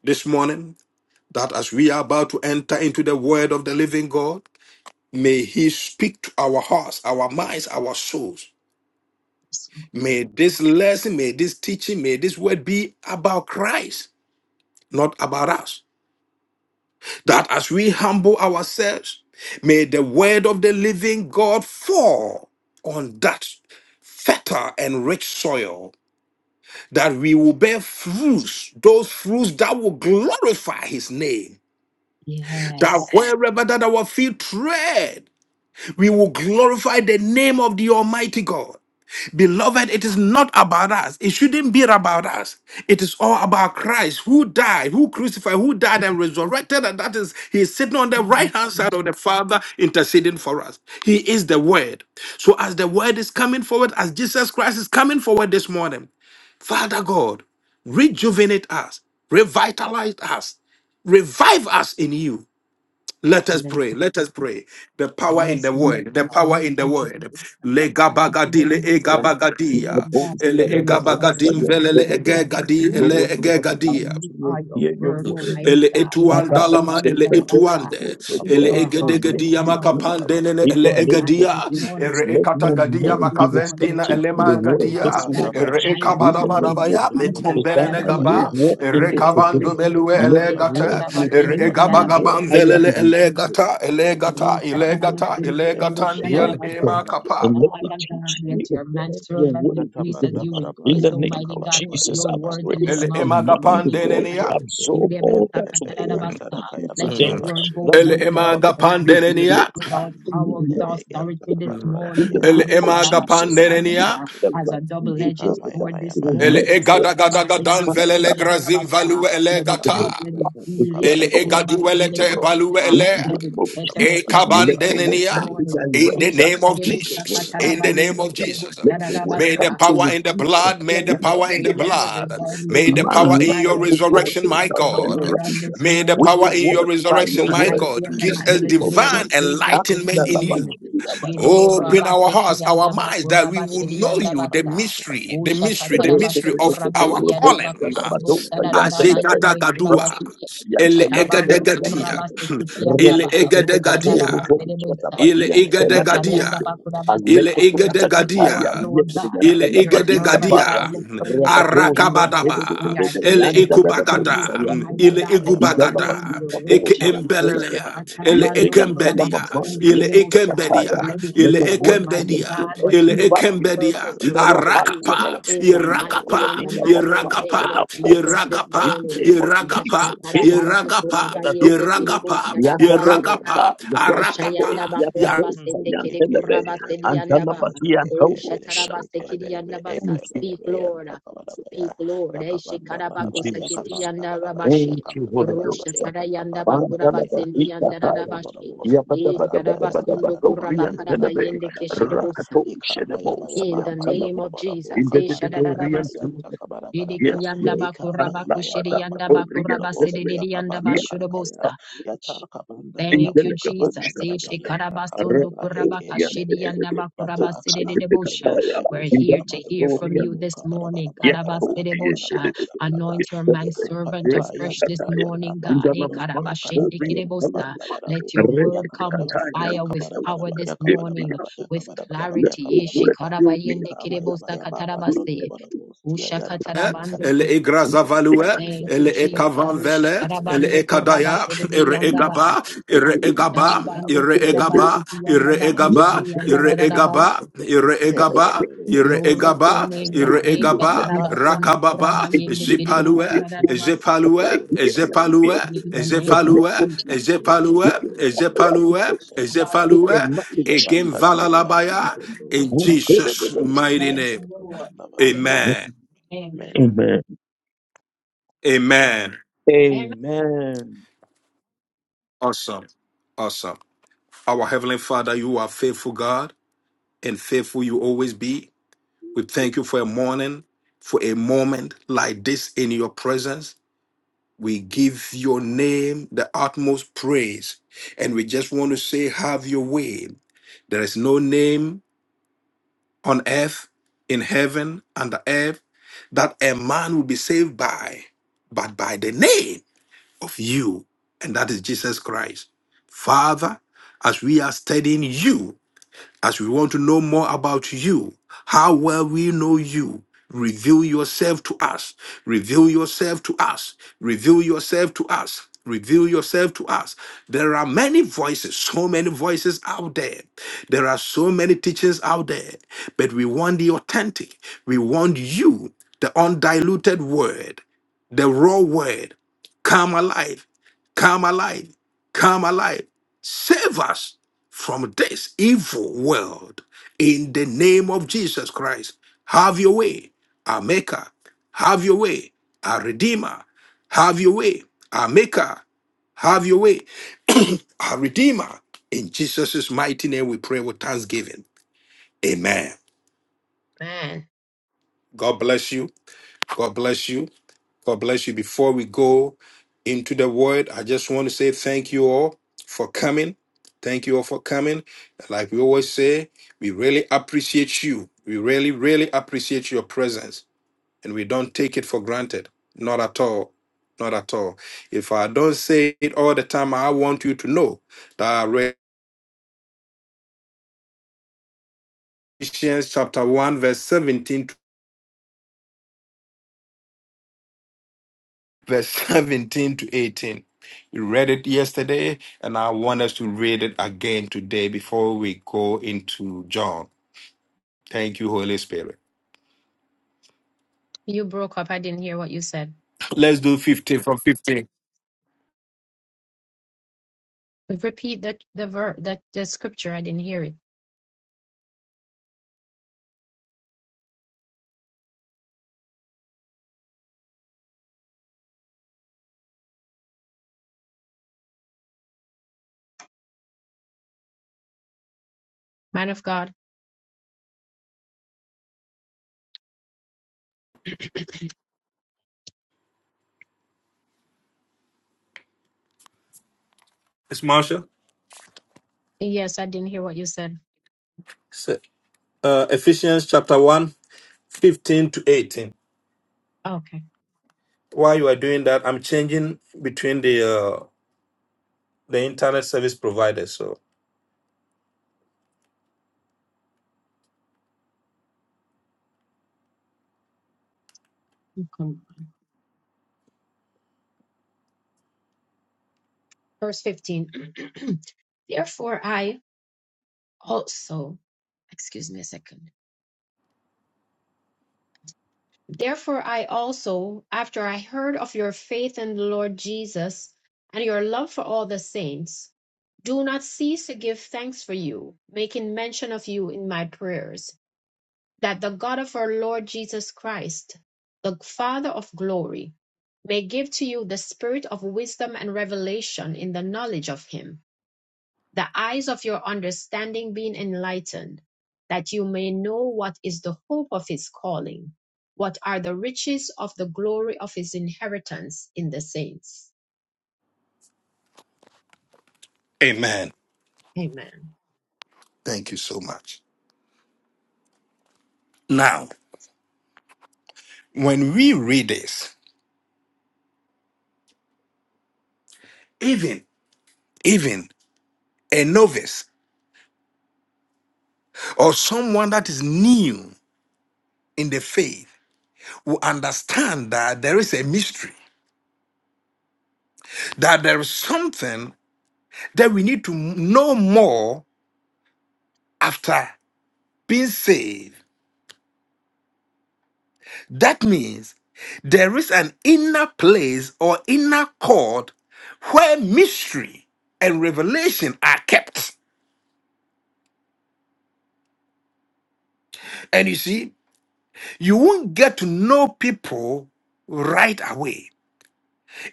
S1: this morning that as we are about to enter into the word of the living God, may He speak to our hearts, our minds, our souls.
S2: Yes. Lord.
S1: May this lesson, may this teaching, may this word be about Christ, not about us. That as we humble ourselves, may the word of the living God fall on that fertile and rich soil that we will bear fruits, those fruits that will glorify his name. That
S2: Yes.
S1: wherever that our feet tread, we will glorify the name of the Almighty God. Beloved, it is not about us. It shouldn't be about us. It is all about Christ who died, who crucified, who died and resurrected. And that is, he is sitting on the
S2: Thank
S1: right hand
S2: you,
S1: side of the
S2: Jesus.
S1: Father interceding for us. He is the Word. So as the Word is coming forward, as Jesus Christ is coming forward this morning, Father God, rejuvenate us, revitalize us, revive us in you. Let
S2: In
S1: us
S2: the
S1: pray.
S2: name
S1: Let us pray. The power in
S2: Yes,
S1: the
S2: Lord
S1: word. The
S2: God.
S1: power
S2: We
S1: in the
S2: thank you,
S1: word.
S2: Jesus.
S1: Le
S2: Father, we thank
S1: gabagadi
S2: you,
S1: le
S4: Then
S2: Jesus.
S4: the
S2: Lord
S1: egabagadia.
S2: God,
S4: bones
S1: Ele
S4: that are
S2: reveal
S4: but
S2: yourself to
S4: outside
S1: egabagadim
S2: us,
S4: your
S1: velele
S2: Almighty
S4: deliverance.
S2: God, this
S1: egegadi ele
S4: Lord,
S2: morning.
S4: you have
S2: We said
S1: egegadia.
S4: come
S2: you
S4: to
S2: are your
S4: hear your
S2: word,
S4: word.
S2: Almighty
S1: Ele
S2: God. We
S4: Father,
S1: etuan
S2: trust
S4: I
S2: you
S1: dalama
S4: pray
S2: and
S1: ele
S2: none
S4: that
S2: of us
S4: the
S2: are.
S1: etuande
S4: people of
S2: Speak
S3: ikaba
S1: ele
S2: to
S3: yaba
S4: God
S2: our
S4: may
S2: hearts
S4: work
S2: this
S1: egedegedi
S3: matondo
S4: with
S2: morning.
S4: me.
S3: kabarabara
S1: makapande nene
S2: Speak
S3: barabara
S4: In
S1: ele
S2: to
S4: the
S2: our
S4: name of
S2: minds this
S1: egedia
S2: morning.
S4: Jesus,
S1: ere
S4: let
S2: Speak to
S4: my
S2: our
S1: ekatagadia
S2: souls
S4: mind
S2: this
S4: be receptive
S2: morning.
S1: makavendina ele
S4: to
S2: Help
S4: your
S2: us,
S4: word
S2: Almighty
S1: magadia
S4: this
S3: Mutabanda
S2: God,
S4: morning.
S2: to
S1: ere
S3: baraba
S2: hide your
S4: In
S1: ekabana
S4: the
S3: kabasya
S2: word
S4: name
S2: in
S4: of
S2: our
S1: manabaya
S3: matondo
S2: hearts
S4: Jesus,
S2: uh,
S3: barabo
S1: mekumbene
S4: that
S3: siya
S2: that
S4: I
S3: kaba
S2: we
S4: may
S3: yaba
S2: might
S1: negaba
S2: not
S3: yaba
S4: walk
S2: sin
S4: in
S1: ere
S3: heke
S4: it
S2: against you,
S1: kabandu
S4: today.
S3: perebe
S2: great
S1: belue
S3: yanta
S2: God.
S4: Let
S1: ele
S4: the
S2: Eh,
S3: kabaraba
S4: word
S1: gata
S3: kabala
S1: ere
S4: rebuke
S3: barabara
S4: me
S3: kabala
S4: where
S1: egabagaban
S4: I
S3: barabara
S1: zelele
S4: am
S1: ele
S3: Yatanda kabara
S2: shatarabasindikiyadabasundikirabashindosa.
S1: gata ele
S3: ba
S1: gata
S2: Rusa
S1: ele gata
S2: tarabasindi
S1: ele
S2: kiribe
S3: yatanda
S1: gatandi
S3: kabara
S1: al
S4: Lord
S2: şararabas
S3: bara
S4: God,
S1: ema kapa
S4: and let me
S2: Father God,
S4: teach me
S2: let
S4: of
S2: your man
S4: God your
S2: servant
S4: way, O
S2: decrease as
S4: God.
S3: kabanda
S2: you
S3: bara
S4: In
S2: increase,
S4: the
S3: bara
S4: name
S2: Almighty
S4: of
S2: God. Put
S4: Jesus,
S2: your
S4: I
S2: words
S4: pray
S2: in his
S4: for
S1: ele
S4: the
S2: mouth
S1: ema
S2: this
S4: mind of
S1: gapande
S2: morning, God.
S4: God to
S1: nenea
S4: absorb all that to God you give me
S2: Let your
S4: today.
S2: word
S4: The
S2: go
S1: ele
S2: forth with
S1: ema
S2: all
S4: Lord, I need
S1: gapande
S4: to
S2: clarity,
S1: nenea
S2: with
S4: closer.
S2: all power,
S4: In
S2: with all authority this morning,
S4: the name
S1: ele
S2: God.
S4: of
S1: ema
S4: Jesus, I need
S1: gapande
S4: the
S2: As
S4: right
S2: a
S4: thing to God
S2: double-edged
S4: that I
S2: sword this
S4: will
S1: Ele
S4: not
S2: morning,
S4: fall.
S1: egada gada gadan vele le
S4: Father,
S1: grazim
S2: Katarabasindikiniboshadadabasa.
S1: valu ele
S2: let it cut,
S1: gata.
S2: let it
S4: I
S2: heal,
S1: Ele
S4: pray
S1: egadu ele
S4: oh
S1: te
S4: God.
S1: balu ele.
S3: bara
S4: In the
S2: let it
S4: name of
S2: set every
S1: E
S4: Jesus,
S3: bara
S2: captive
S4: let
S3: bara
S4: your
S2: free
S4: word
S2: this
S1: kabandenenia.
S4: come to
S2: morning.
S1: In
S3: Ikamaya
S1: the
S4: direct us.
S2: Beshu
S3: mama
S1: name of
S4: Let
S3: tondo
S4: your
S2: terebusa
S4: word
S3: Ya
S1: Jesus,
S4: come
S1: in
S4: to
S1: the
S3: kabanda
S4: fix
S1: name
S2: katarabayende
S1: of
S3: bara
S1: Jesus,
S3: baka
S2: terebus
S4: Let
S3: bara
S4: your
S3: bara
S4: word
S1: may
S3: bara bara
S1: the
S4: come
S2: tararabasa.
S4: to
S3: bara
S1: power
S4: the
S1: in the
S4: us.
S1: blood,
S3: bara bara
S1: may
S3: bara
S2: Let
S1: the
S3: bara
S4: In
S2: every
S4: the
S1: power in the
S2: chain
S4: name
S3: ya
S2: and every
S1: blood,
S2: burden
S3: tabranda
S4: of
S2: be
S1: may the
S3: kabaya
S1: power
S2: lifted
S4: man,
S1: in
S2: by
S3: mama
S1: your
S4: life
S2: the
S4: will
S3: tondo
S4: go
S3: bara
S1: resurrection,
S2: delivery
S4: to
S1: my
S2: of
S3: bosi
S2: your
S3: ya
S4: and
S1: God,
S2: word on
S4: around us.
S2: this
S1: may the
S4: With
S2: morning,
S1: power
S4: your
S1: in
S2: God.
S1: your
S4: word, by
S2: In
S4: your
S2: the
S1: resurrection, my
S4: word,
S2: mighty
S1: God,
S2: and
S4: in
S2: the
S4: the
S1: gives us
S2: matchless
S4: name of
S2: name of
S1: divine
S4: Jesus.
S2: Jesus this
S1: enlightenment in
S2: morning.
S1: you. Open our hearts,
S2: Shedeborabaseki and
S1: our
S3: Yata
S1: minds, that we would
S3: Thank
S2: Shereborabaseki
S1: know you, the
S2: andabakurabashiriandabasa.
S1: mystery, the
S2: Usha
S1: mystery,
S4: Let
S1: the mystery
S2: katarabasu
S1: of our
S2: kurabaki
S1: calling.
S2: andabakushiribusa tararabayende
S1: Azekatakaduwa,
S2: kurabashi.
S1: ele
S2: Shabando
S1: egadegadia,
S2: kurabaseki
S1: ele
S2: andaba. Rusha
S1: egadegadia, ele egadegadia.
S2: Atayanda Bakurabase,
S1: Ile
S2: we'll
S1: igede
S2: speak to us,
S1: gadia.
S2: Lord God.
S1: Ile
S2: Your
S1: igede
S2: servants are
S1: gadia.
S2: listening this morning, God.
S1: Arakabadaba.
S2: We are here
S1: Ele
S2: to hear from you,
S1: ikubagada.
S2: Almighty
S1: Ile
S2: God. Let your word
S1: igubagada.
S2: be
S1: Eke
S2: rich.
S1: embelelea. Ele
S2: Ishakatarabando
S1: ekembedia. Ile
S2: kurabakusindikidebosha.
S1: ekembedia.
S3: you.
S2: Let it
S1: Ile
S4: the
S3: Thank
S2: do,
S4: word come
S2: Almighty
S4: and
S1: ekembedia.
S4: fill
S2: God, what
S1: Ile
S4: every
S2: you have
S4: vacuum
S1: ekembedia.
S2: purpose
S4: in
S2: for it
S4: our
S2: to
S4: hearts, in
S2: do
S4: our
S1: Arakapa.
S2: in
S4: souls,
S2: the mighty
S4: Lord,
S2: and
S1: Irakapa.
S2: the
S4: in our
S2: matchless
S4: minds, in
S2: name of
S1: Iragapa.
S4: our thoughts,
S2: Jesus this
S4: in
S1: Iragapa.
S4: the
S2: morning.
S4: name of
S1: Iragapa.
S4: Jesus, in
S2: Yashatarabansu
S1: Iragapa.
S4: the Lord.
S2: kurabayende
S1: Iragapa.
S2: kidebosha
S4: Yandado
S2: Rabasu.
S1: Iragapa.
S4: Papa, Yabo
S3: you.
S4: Pape,
S2: Ashayanda
S1: Arapapa.
S2: bakora
S4: Yabado,
S3: Mm.
S2: basende kere
S4: Yantelebe,
S2: kura
S3: Ekebelebe,
S2: basedi yanda ba.
S4: Antalabati
S3: ekebelebe,
S4: and Tobo.
S2: Rusha
S3: ekebelebe,
S2: tarabase kiri
S3: ekebelebe,
S2: yanda basa.
S4: Thank you,
S2: Speak,
S3: ekebelebe, ya
S2: Lord. Speak, Lord. Eshe karabaku
S3: yakabandabalaba,
S4: Jesus.
S2: saketi yanda
S3: yakabandabalabaya,
S4: Thank
S2: rabashi.
S4: you, Holy
S2: Rusha
S4: Ghost.
S3: yakabandabalabaya,
S2: tarayanda bakura
S3: yakabandabalabaya,
S4: Antalabati
S2: basendi yanda
S4: Kataya.
S2: rabashi.
S3: matundubalabolosi,
S2: Yes,
S3: kadandaya,
S2: karabasundo kura
S3: kadandaya,
S4: Yabadabadabadabadabadorian
S2: bakara
S4: Telebe,
S3: yotanda
S2: bayende keshe de
S3: kadadaya,
S2: bosa
S4: Rakato Shedebosa,
S2: in
S3: ikamayabayaba,
S2: the name of
S4: Yantalabama,
S3: matundubalabo,
S4: in
S2: Jesus. Eh,
S4: the Dorian
S3: kabandabalabalaba,
S4: Telebe,
S2: shadadabasu.
S3: yantakabalabalabalaba,
S4: Yes, Lord. Ah, la, la, la,
S3: ikamayabayaba,
S4: la, po, ri, em, de,
S3: matundubalabo,
S4: de, de. Yes,
S3: yakabandakarakaya,
S4: ah,
S2: Yidikiyandabakurabakoshidiyandabakurabasididiyandabasurabosha.
S3: Yata kabanda
S4: in
S3: bada
S2: Thank
S4: de,
S2: you,
S3: u
S4: de, de, bo,
S3: kabanda
S2: Jesus.
S4: sha,
S3: bada
S4: da,
S2: Eh,
S4: da,
S3: ba
S4: ya.
S3: yanta
S4: Re,
S3: kabada
S4: de,
S3: ba
S4: do,
S3: heke
S4: ri, em,
S3: bere
S4: de, de,
S3: be.
S4: de, de. Bo,
S3: Yata ka
S4: se, de, de,
S3: andi
S4: da,
S3: ke
S4: da,
S2: shekarabasondokurabakashidiyandabakurabasidididibushha.
S3: bere
S4: ya.
S3: bere
S4: la.
S3: bu
S2: We're
S4: In de,
S2: here
S3: sula
S2: to
S4: de,
S2: hear
S4: do,
S3: matunda
S4: ri,
S2: from
S3: bada
S2: you
S4: em,
S3: bu
S2: this
S3: kabada
S2: morning.
S3: bada
S4: ye,
S3: bada
S4: da,
S3: bada
S4: do,
S3: bada bada
S4: ri, em,
S3: bada
S4: de, de,
S2: Karabasidibusha.
S3: bada
S4: de,
S3: bada
S4: de.
S3: bada ba.
S4: Ye,
S2: Anoint your
S4: de, de, de.
S3: Ika pa ya
S2: manservant
S4: Re,
S3: pa
S4: de, de,
S2: afresh
S4: da,
S3: yanta
S2: this
S4: da,
S3: na
S4: ya.
S3: kaya
S2: morning, God.
S4: In de, la,
S2: Eh,
S4: ma,
S3: dos
S4: ma,
S3: siya
S4: do,
S3: kadanda
S4: ri,
S3: ya
S4: em, de, la,
S2: karabashindikidibusha.
S4: ma,
S3: kabanda
S4: ma.
S3: bada
S2: Let
S3: bu.
S2: your
S4: Re, de,
S2: word
S3: Yaka
S4: de,
S2: come
S4: da,
S3: bada
S2: with
S4: da,
S3: bada ba
S4: ya.
S2: fire,
S4: In
S3: yaka
S4: de,
S2: with
S3: bada
S4: do,
S3: bada
S4: ri,
S2: power
S3: ba
S4: em,
S2: this
S3: yaka
S4: fill
S3: bada
S4: me
S2: morning
S3: bada ba
S4: up.
S3: yaka
S2: with
S3: bada bada ba
S4: Let
S3: yaka
S2: clarity.
S4: the
S3: bada bada
S4: word
S3: ba.
S4: fill me up
S2: Shikarabayende
S4: with the
S3: ya ba
S2: kerebosa
S3: ya ba
S4: wind
S3: matondo
S4: and
S2: katarabase.
S3: bada bu siya yanta kabanda
S2: Ushakatarabando
S1: El
S3: bada
S2: ko-
S4: with the faith
S1: Egrazavalue,
S2: Thank
S1: El
S2: you, Jesus.
S1: Ekavanvele, El
S2: Shatarabando
S1: Ekadaya,
S2: kurabase de de
S1: Ere
S2: yandaba.
S1: Egaba,
S4: of
S1: Ere
S4: the
S1: Egaba,
S2: Sharabando
S1: Ere
S4: Lord.
S2: kurabase
S1: Egaba,
S2: de
S1: Ere
S2: yandaba
S4: Let
S1: Egaba,
S4: me
S2: kusere
S4: be able
S1: Ere
S4: to see
S1: Egaba,
S2: yandararabaso.
S4: here.
S1: Ere
S4: Let us
S1: Egaba,
S4: make it.
S1: Ere
S3: Yantaka
S2: Glory
S3: ya
S2: to your
S1: Egaba,
S4: As
S2: name,
S4: I see
S1: Ere
S2: God.
S4: it, let
S1: Egaba,
S4: me be
S2: Eshatarabasondo
S1: Rakababa,
S4: a
S2: kurabayende
S4: here. Let me
S1: Jepalue,
S2: kerebosa
S4: be a here.
S2: dararabasa.
S1: Jepalue,
S4: Let me be
S1: Jepalue,
S4: a good
S2: In the
S4: in the
S2: name
S4: name
S2: of
S1: Jepalue,
S4: of Jesus.
S2: Jesus.
S1: Jepalue,
S4: With your fire, with
S1: Jepalue,
S4: your, with
S2: Shabando
S4: your
S1: Jepalue,
S4: knowledge
S2: kusere de
S1: again
S4: in the name of Jesus.
S1: Valalabaya,
S3: matondo
S1: in
S4: I'm
S3: ya
S4: telling the
S3: kabanda
S1: Jesus'
S4: most.
S3: baraba
S1: mighty
S2: Thank
S1: name.
S2: you,
S3: yantaka
S2: Lord.
S3: banda barabos
S2: Hallelujah.
S1: Amen.
S2: Amen.
S4: Amen.
S1: Amen.
S4: Amen.
S1: Awesome. Awesome. Our Heavenly Father, you are faithful God and faithful you always be. We thank you for a morning, for a moment like this in your presence. We give your name the utmost praise. And we just want to say, have your way. There is no name on earth, in heaven, under earth that a man will be saved by, but by the name of you, and that is Jesus Christ. Father, as we are studying you, as we want to know more about you, how well we know you, reveal yourself to us, reveal yourself to us, reveal yourself to us. Reveal yourself to us. There are many voices, so many voices out there. There are so many teachings out there, but we want the authentic. We want you, the undiluted word, the raw word. Come alive, come alive, come alive. Save us from this evil world in the name of Jesus Christ. Have your way, our maker. Have your way, our redeemer. Have your way, our maker. Have your way, our redeemer. In Jesus' mighty name, we pray with thanksgiving. Amen.
S2: Amen.
S1: God bless you. God bless you. God bless you. Before we go into the word, I just want to say thank you all for coming. Thank you all for coming. Like we always say, we really appreciate you. We really, really appreciate your presence. And we don't take it for granted. Not at all. Not at all. If I don't say it all the time, I want you to know that Revelation chapter 1, verse 17 verse 17 to 18. We read it yesterday, and I want us to read it again today before we go into John. Thank you, Holy Spirit.
S2: You broke up. I didn't hear what you said.
S1: Let's do 15 from 15.
S2: Repeat the the ver that the scripture. I didn't hear it. Man of God.
S1: It's Marshall.
S2: Yes, said.
S1: So, Uh, Ephesians chapter one, 15 to 18.
S2: Okay.
S1: While you are doing that, I'm changing between the uh, the internet service providers. So,
S2: Verse fifteen. Therefore, I also. Excuse me a second. Therefore, I also, after I heard of your faith in the Lord Jesus and your love for all the saints, do not cease to give thanks for you, making mention of you in my prayers that the God of our Lord Jesus Christ, the Father of glory, may give to you the spirit of wisdom and revelation in the knowledge of him, the eyes of your understanding being enlightened, that you may know what is the hope of his calling, what are the riches of the glory of his inheritance in the saints.
S1: Amen.
S2: Amen.
S1: Thank you so much. Now, when we read this, even even a novice or someone that is new in the faith will understand that there is a mystery, that there is something that we need to know more after being saved. That means there is an inner place or inner court where mystery and revelation are kept. And you see, you won't get to know people right away.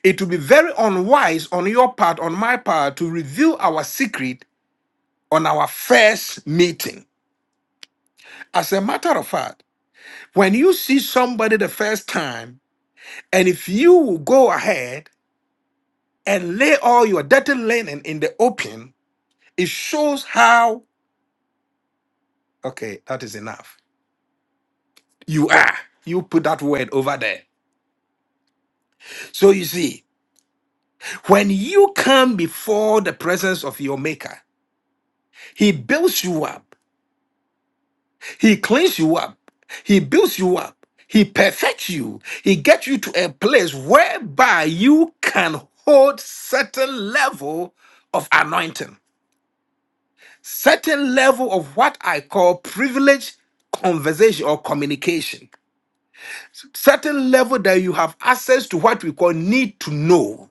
S1: It will be very unwise on your part, on my part, to reveal our secret on our first meeting. As a matter of fact, when you see somebody the first time, and if you go ahead and lay all your dirty linen in the open, it shows how, okay, that is enough. You are. You put that word over there. So you see, when you come before the presence of your maker, he builds you up. He cleans you up. He builds you up. He perfects you. He gets you to a place whereby you can hold certain level of anointing, certain level of what I call privilege conversation or communication, certain level that you have access to what we call need to know.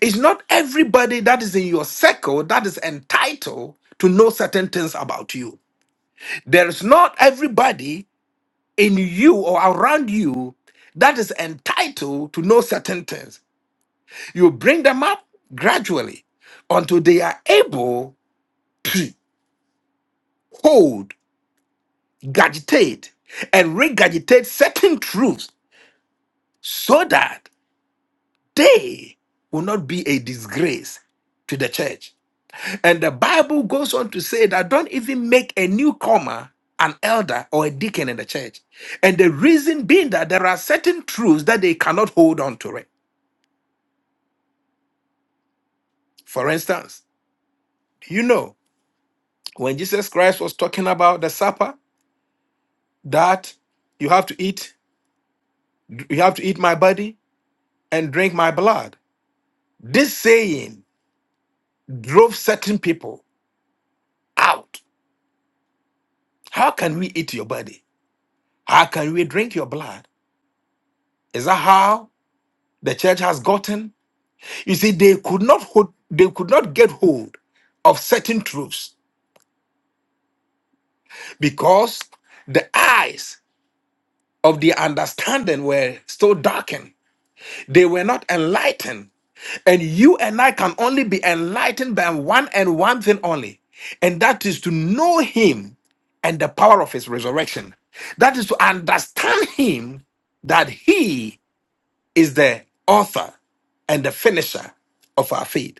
S1: It's not everybody that is in your circle that is entitled to know certain things about you. There is not everybody in you or around you that is entitled to know certain things. You bring them up gradually until they are able to hold, gadgetate, and regurgitate certain truths so that they will not be a disgrace to the church. And the Bible goes on to say that don't even make a newcomer an elder or a deacon in the church. And the reason being that there are certain truths that they cannot hold on to For instance, you know when Jesus Christ was talking about the supper that you have to eat, you have to eat my body and drink my blood? This saying drove certain people out. How can we eat your body? How can we drink your blood? Is that how the church has gotten? You see, they could not hold, they could not get hold of certain truths because the eyes of their understanding were still darkened. They were not enlightened And you and I can only be enlightened by one and one thing only, and that is to know Him and the power of His resurrection. That is to understand Him that He is the author and the finisher of our faith.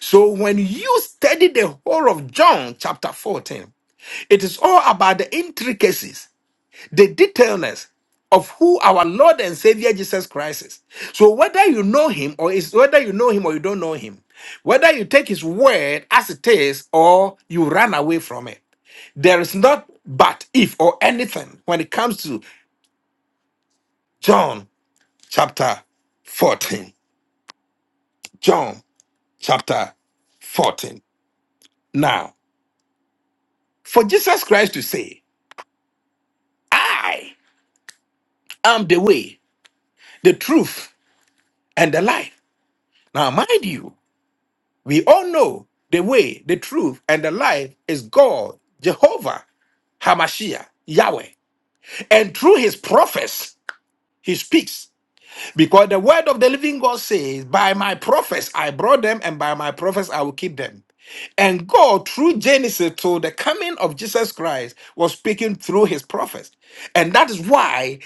S1: So when you study the whole of John chapter 14, it is all about the intricacies the detailness of who our Lord and Savior Jesus Christ is. So whether you know him or is whether you know him or you don't know him, whether you take his word as it is or you run away from it, there is not but if or anything when it comes to John chapter 14. John chapter 14. Now, for Jesus Christ to say, I am the way, the truth, and the life. Now, mind you, We all know the way, the truth, and the life is God, Jehovah, Hamashiach, Yahweh. And through his prophets, he speaks. Because the word of the living God says, By my prophets I brought them, and by my prophets I will keep them. And God, through Genesis to the coming of Jesus Christ, was speaking through his prophets. And that is why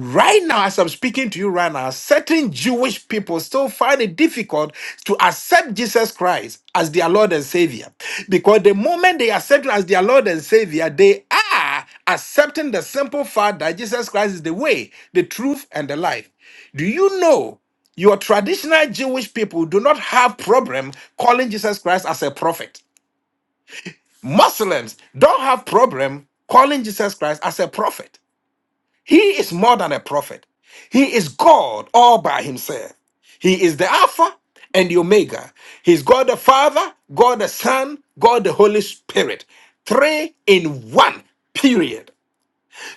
S1: Right now, as I'm speaking to you right now, certain Jewish people still find it difficult to accept Jesus Christ as their Lord and Savior. Because the moment they accept Him as their Lord and Savior, they are accepting the simple fact that Jesus Christ is the way, the truth, and the life. Do you know your traditional Jewish people do not have problem calling Jesus Christ as a prophet? Muslims don't have problem calling Jesus Christ as a prophet. He is more than a prophet. He is God all by himself. He is the Alpha and the Omega. He's God the Father, God the Son, God the Holy Spirit. Three in one, period.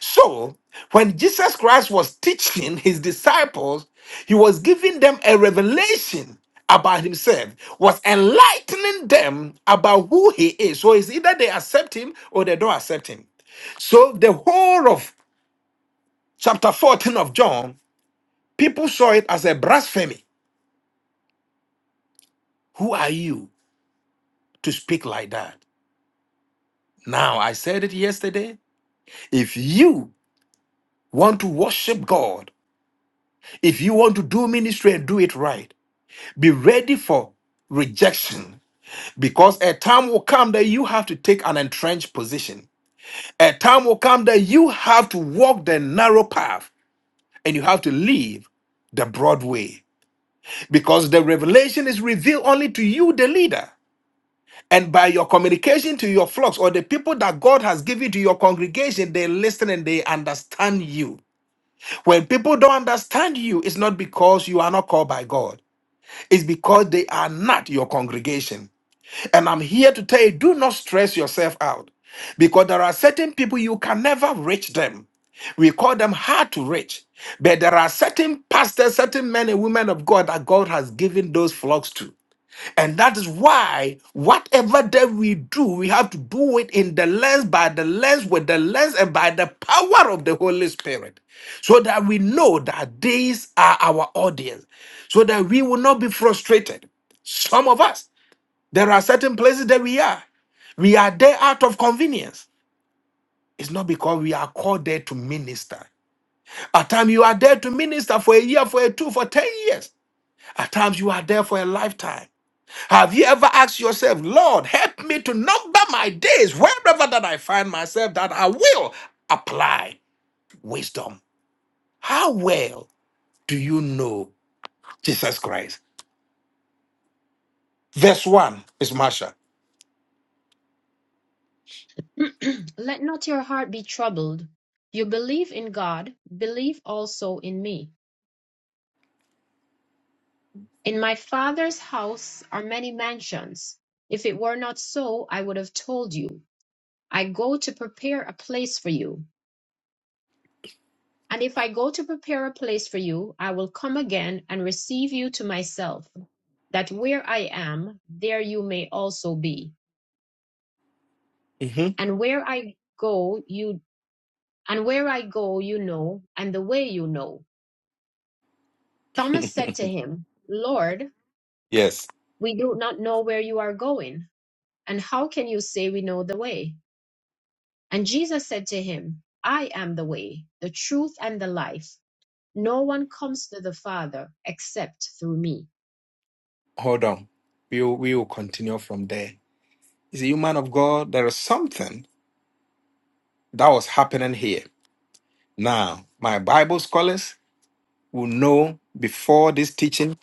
S1: So, when Jesus Christ was teaching his disciples, he was giving them a revelation about himself, was enlightening them about who he is. So, it's either they accept him or they don't accept him. So the whole of chapter 14 of John, people saw it as a blasphemy. Who are you to speak like that? Now, I said it yesterday. If you want to worship God, if you want to do ministry and do it right, be ready for rejection because a time will come that you have to take an entrenched position. A time will come that you have to walk the narrow path and you have to leave the broad way because the revelation is revealed only to you, the leader. And by your communication to your flocks or the people that God has given to your congregation, they listen and they understand you. When people don't understand you, it's not because you are not called by God, it's because they are not your congregation. And I'm here to tell you do not stress yourself out because there are certain people you can never reach them. We call them hard to reach. But there are certain pastors, certain men and women of God that God has given those flocks to. And that is why whatever that we do, we have to do it in the lens, by the lens, with the lens, and by the power of the Holy Spirit. So that we know that these are our audience. So that we will not be frustrated. Some of us, there are certain places that we are. We are there out of convenience. It's not because we are called there to minister. At times you are there to minister for a year, for a two, for ten years. At times you are there for a lifetime. Have you ever asked yourself, Lord, help me to number my days wherever that I find myself that I will apply wisdom? How well do you know Jesus Christ? Verse 1 is Marsha.
S2: Let not your heart be troubled. You believe in God, believe also in me. In my father's house are many mansions. If it were not so, I would have told you. I go to prepare a place for you. And if I go to prepare a place for you, I will come again and receive you to myself, that where I am, there you may also be.
S1: Mhm.
S2: And where I go, you and where I go, you know, and the way you know. Thomas said to him, Lord,
S1: Yes.
S2: we do not know where you are going, and how can you say we know the way? And Jesus said to him, I am the way, the truth, and the life. No one comes to the Father except through me.
S1: Hold on. We will, we will continue from there. Is a man of God. There is something that was happening here. Now, my Bible scholars will know before this teaching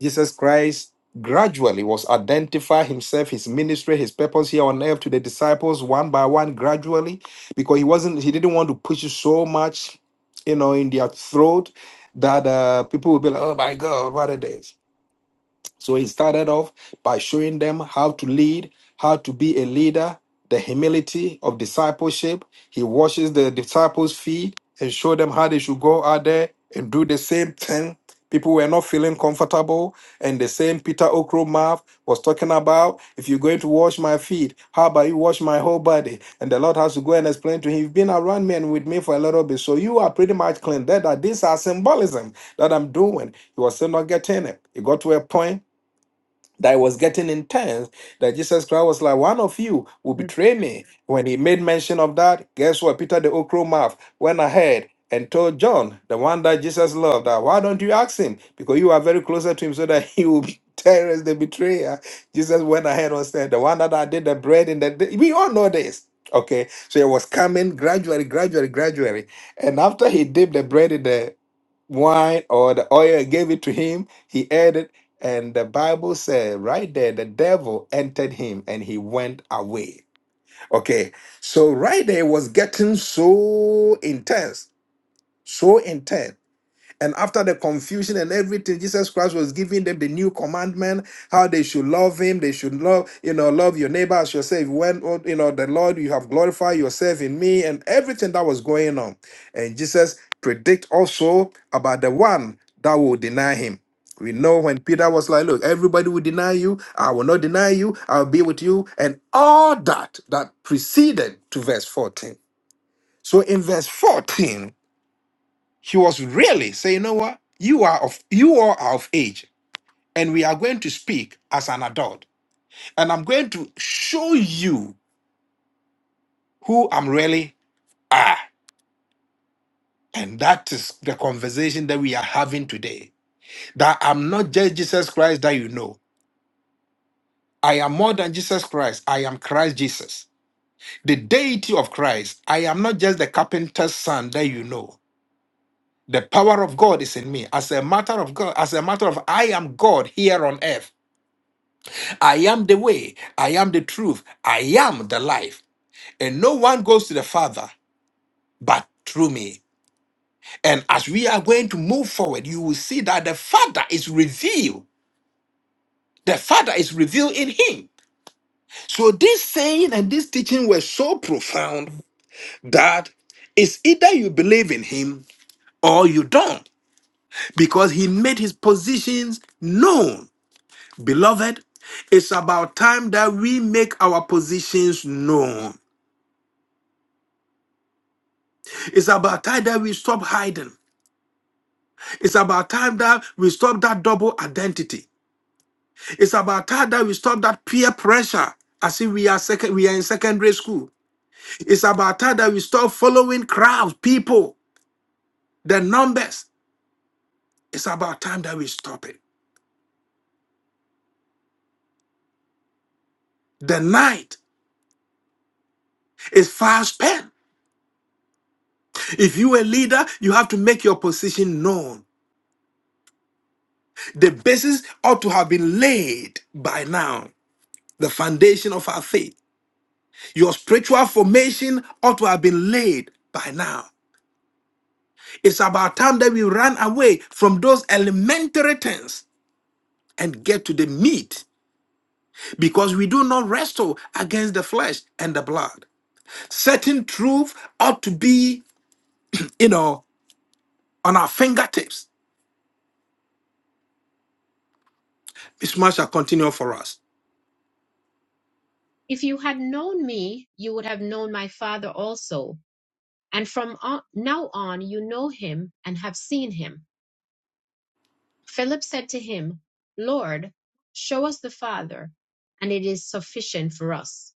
S1: Jesus Christ gradually was identify himself, his ministry, his purpose here on earth to the disciples one by one, gradually, because he wasn't he didn't want to push it so much, you know, in their throat that uh, people would be like, oh my God, what it is. So he started off by showing them how to lead, how to be a leader, the humility of discipleship. He washes the disciples' feet and show them how they should go out there and do the same thing. People were not feeling comfortable, and the same Peter Okromov was talking about. If you're going to wash my feet, how about you wash my whole body? And the Lord has to go and explain to him, You've been around me and with me for a little bit, so you are pretty much clean. That, that these are symbolism that I'm doing. He was still not getting it. It got to a point that it was getting intense that jesus christ was like one of you will
S2: Mm.
S1: betray me when he made mention of that guess what peter the okro mouth went ahead and told john the one that jesus loved that why don't you ask him because you are very closer to him so that he will tell us the betrayer jesus went ahead and said the one that i did the bread in the we all know this okay so it was coming gradually gradually gradually and after he dipped the bread in there wine or the oil and gave it to him. He ate it, and the Bible said right there the devil entered him and he went away. Okay, so right there it was getting so intense, so intense and after the confusion and everything, Jesus Christ was giving them the new commandment, how they should love him, they should love, you know, love your neighbor as yourself. When oh, you know the Lord, you have glorified yourself in me, and everything that was going on. And Jesus predict also about the one that will deny him. We know when Peter was like, Look, everybody will deny you, I will not deny you, I'll be with you, and all that that preceded to verse 14. So in verse 14, she was really saying, you know what? You are of you all are of age, and we are going to speak as an adult. And I'm going to show you who I'm really are. And that is the conversation that we are having today. That I'm not just Jesus Christ that you know. I am more than Jesus Christ. I am Christ Jesus, the deity of Christ. I am not just the carpenter's son that you know. The power of God is in me. As a matter of God, as a matter of I am God here on earth. I am the way, I am the truth, I am the life. And no one goes to the Father but through me. And as we are going to move forward, you will see that the Father is revealed. The Father is revealed in him. So this saying and this teaching were so profound that it's either you believe in him or you don't, because he made his positions known. Beloved, it's about time that we make our positions known. It's about time that we stop hiding. It's about time that we stop that double identity. It's about time that we stop that peer pressure as if we are second we are in secondary school. It's about time that we stop following crowds, people, the numbers. It's about time that we stop it. The night is fast spent. If you a leader, you have to make your position known. The basis ought to have been laid by now. The foundation of our faith. Your spiritual formation ought to have been laid by now. It's about time that we run away from those elementary things and get to the meat because we do not wrestle against the flesh and the blood. Certain truth ought to be, you know, on our fingertips. This man shall continue for us.
S2: If you had known me, you would have known my Father also. And from on, now on, you know him and have seen him. Philip said to him, Lord, show us the Father, and it is sufficient for us.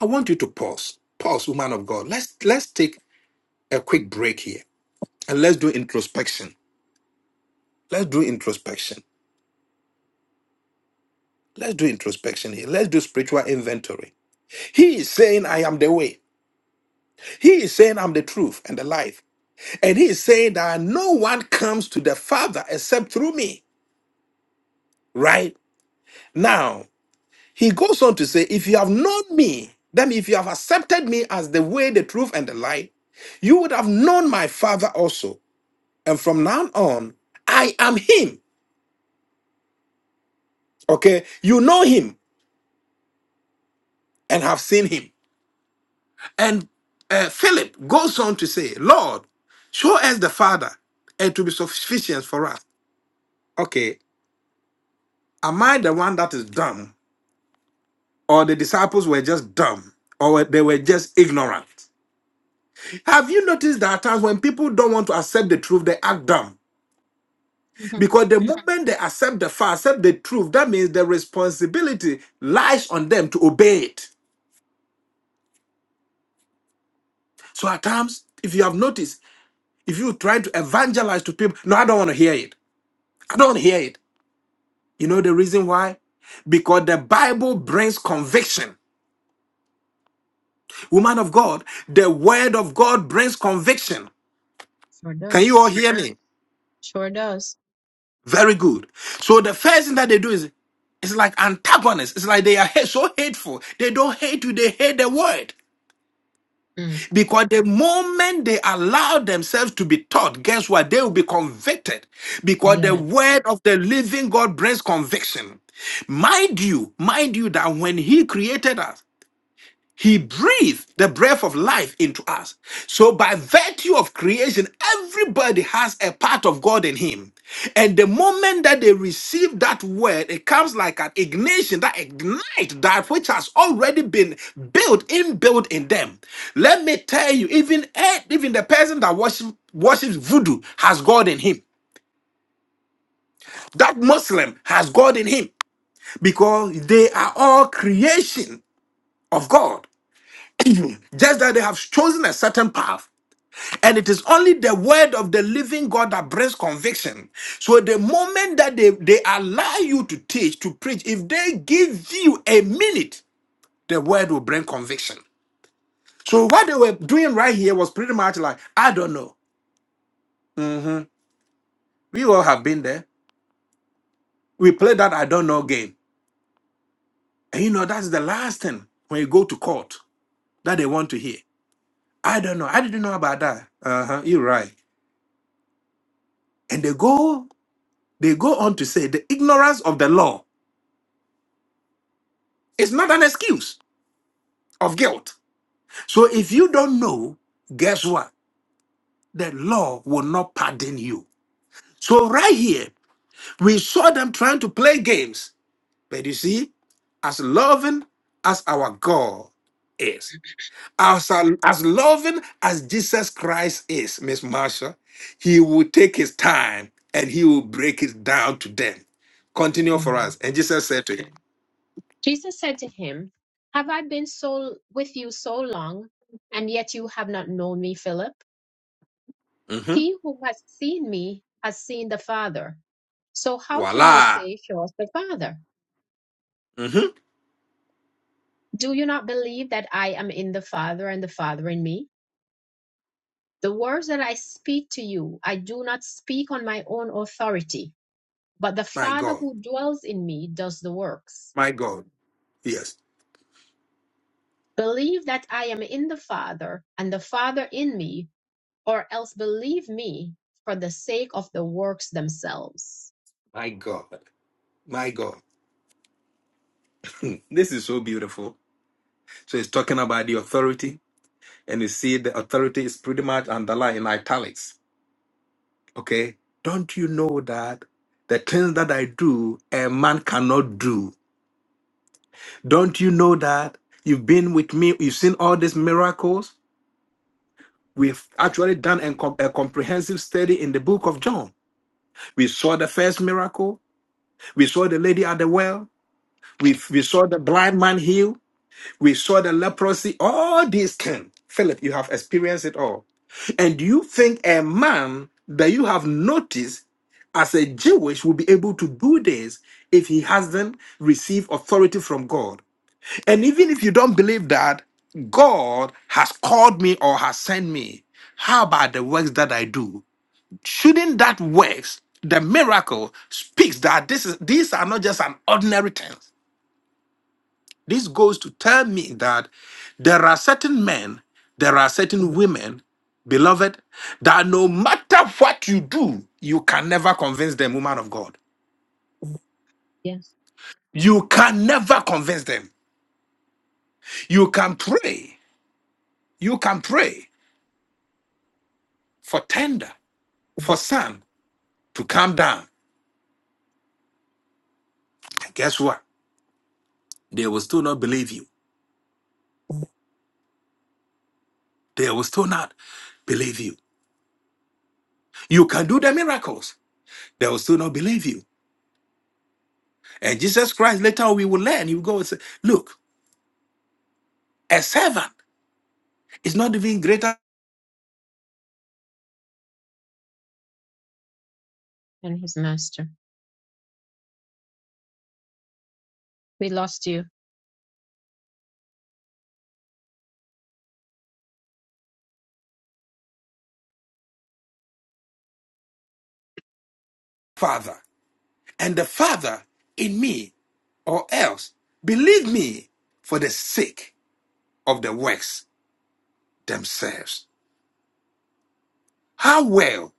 S1: I want you to pause. Pause, woman of God. Let's let's take a quick break here and let's do introspection. Let's do introspection. Let's do introspection here. Let's do spiritual inventory. He is saying, I am the way. He is saying, I'm the truth and the life. And he is saying that no one comes to the Father except through me. Right? Now, he goes on to say, if you have known me, then if you have accepted me as the way, the truth, and the life, you would have known my Father also. And from now on, I am him. Okay? You know him and have seen him. And uh, Philip goes on to say, Lord, show us the Father, and to be sufficient for us. okay, am I the one that is dumb, or the disciples were just dumb, or they were just ignorant? Have you noticed there are times when people don't want to accept the truth, they act dumb?
S2: Mhm.
S1: Because the Yeah. moment they accept the fact, accept the truth, that means the responsibility lies on them to obey it. So at times, if you have noticed, if you try to evangelize to people, no, I don't want to hear it. I don't want to hear it. You know the reason why? Because the Bible brings conviction. Woman of God, the word of God brings conviction.
S2: Sure
S1: Can you
S2: does.
S1: all hear me?
S2: Sure does.
S1: Very good. So the first thing that they do is it's like antagonists. It's like they are hate- so hateful. They don't hate you, they hate the word.
S2: Mm.
S1: Because the moment they allow themselves to be taught, guess what? They will be convicted. Because the
S2: Yes.
S1: word of the living God brings conviction. Mind you, mind you that when He created us, He breathed the breath of life into us. So, by virtue of creation, everybody has a part of God in him. And the moment that they receive that word, it comes like an ignition that ignites that which has already been built, inbuilt in them. Let me tell you, even, eh, even the person that worship, worships voodoo has God in him. That Muslim has God in him because they are all creation of God. evil, Just that they have chosen a certain path. And it is only the word of the living God that brings conviction. So the moment that they, they allow you to teach, to preach, if they give you a minute, the word will bring conviction. So what they were doing right here was pretty much like, I don't know. Mhm. We all have been there. We play that I don't know game. And you know, that's the last thing when you go to court that they want to hear. I don't know. I didn't know about that. Uh-huh. You're right. And they go They go on to say the ignorance of the law is not an excuse of guilt. So if you don't know, guess what? The law will not pardon you. So right here, we saw them trying to play games. But you see, as loving as our God is, as, as loving as Jesus Christ is, Miss Marsha, he will take his time and he will break it down to them. Continue for
S2: Yes.
S1: us. And Jesus said to him,
S2: Jesus said to him, Have I been so with you so long, and yet you have not known me, Philip?
S1: "Mhm,
S2: He who has seen me has seen the Father. So how can you
S1: Voila.
S2: say, Show us the Father?
S1: Mm-hmm."
S2: Do you not believe that I am in the Father and the Father in me? The words that I speak to you, I do not speak on my own authority, but the
S1: My
S2: Father
S1: God.
S2: who dwells in me does the works.
S1: My God. Yes.
S2: Believe that I am in the Father and the Father in me, or else believe me for the sake of the works themselves.
S1: My God. My God. this is so beautiful. So it's talking about the authority, and you see the authority is pretty much underlined in italics. Okay. Don't you know that the things that I do, a man cannot do? Don't you know that you've been with me? You've seen all these miracles. We've actually done a com- a comprehensive study in the book of John. We saw the first miracle. We saw the lady at the well. We, we saw the blind man healed We saw the leprosy, all these things. Philip, you have experienced it all. And you think a man that you have noticed as a Jewish will be able to do this if he hasn't received authority from God? And even if you don't believe that, God has called me or has sent me. How about the works that I do? Shouldn't that works, the miracle, speaks that this is these are not just an ordinary thing. This goes to tell me that there are certain men, there are certain women, beloved, that no matter what you do, you can never convince them, woman of God.
S2: Yes,
S1: You can never convince them. You can pray. You can pray for tender, for sun to come down. And guess what? They will still not believe you. They will still not believe you. You can do the miracles. They will still not believe you. And Jesus Christ, later we will learn. He will go and say, Look, a servant. is not even greater
S2: and his master. We lost you.
S1: Father, and the Father in me, or else believe me for the sake of the works themselves. How well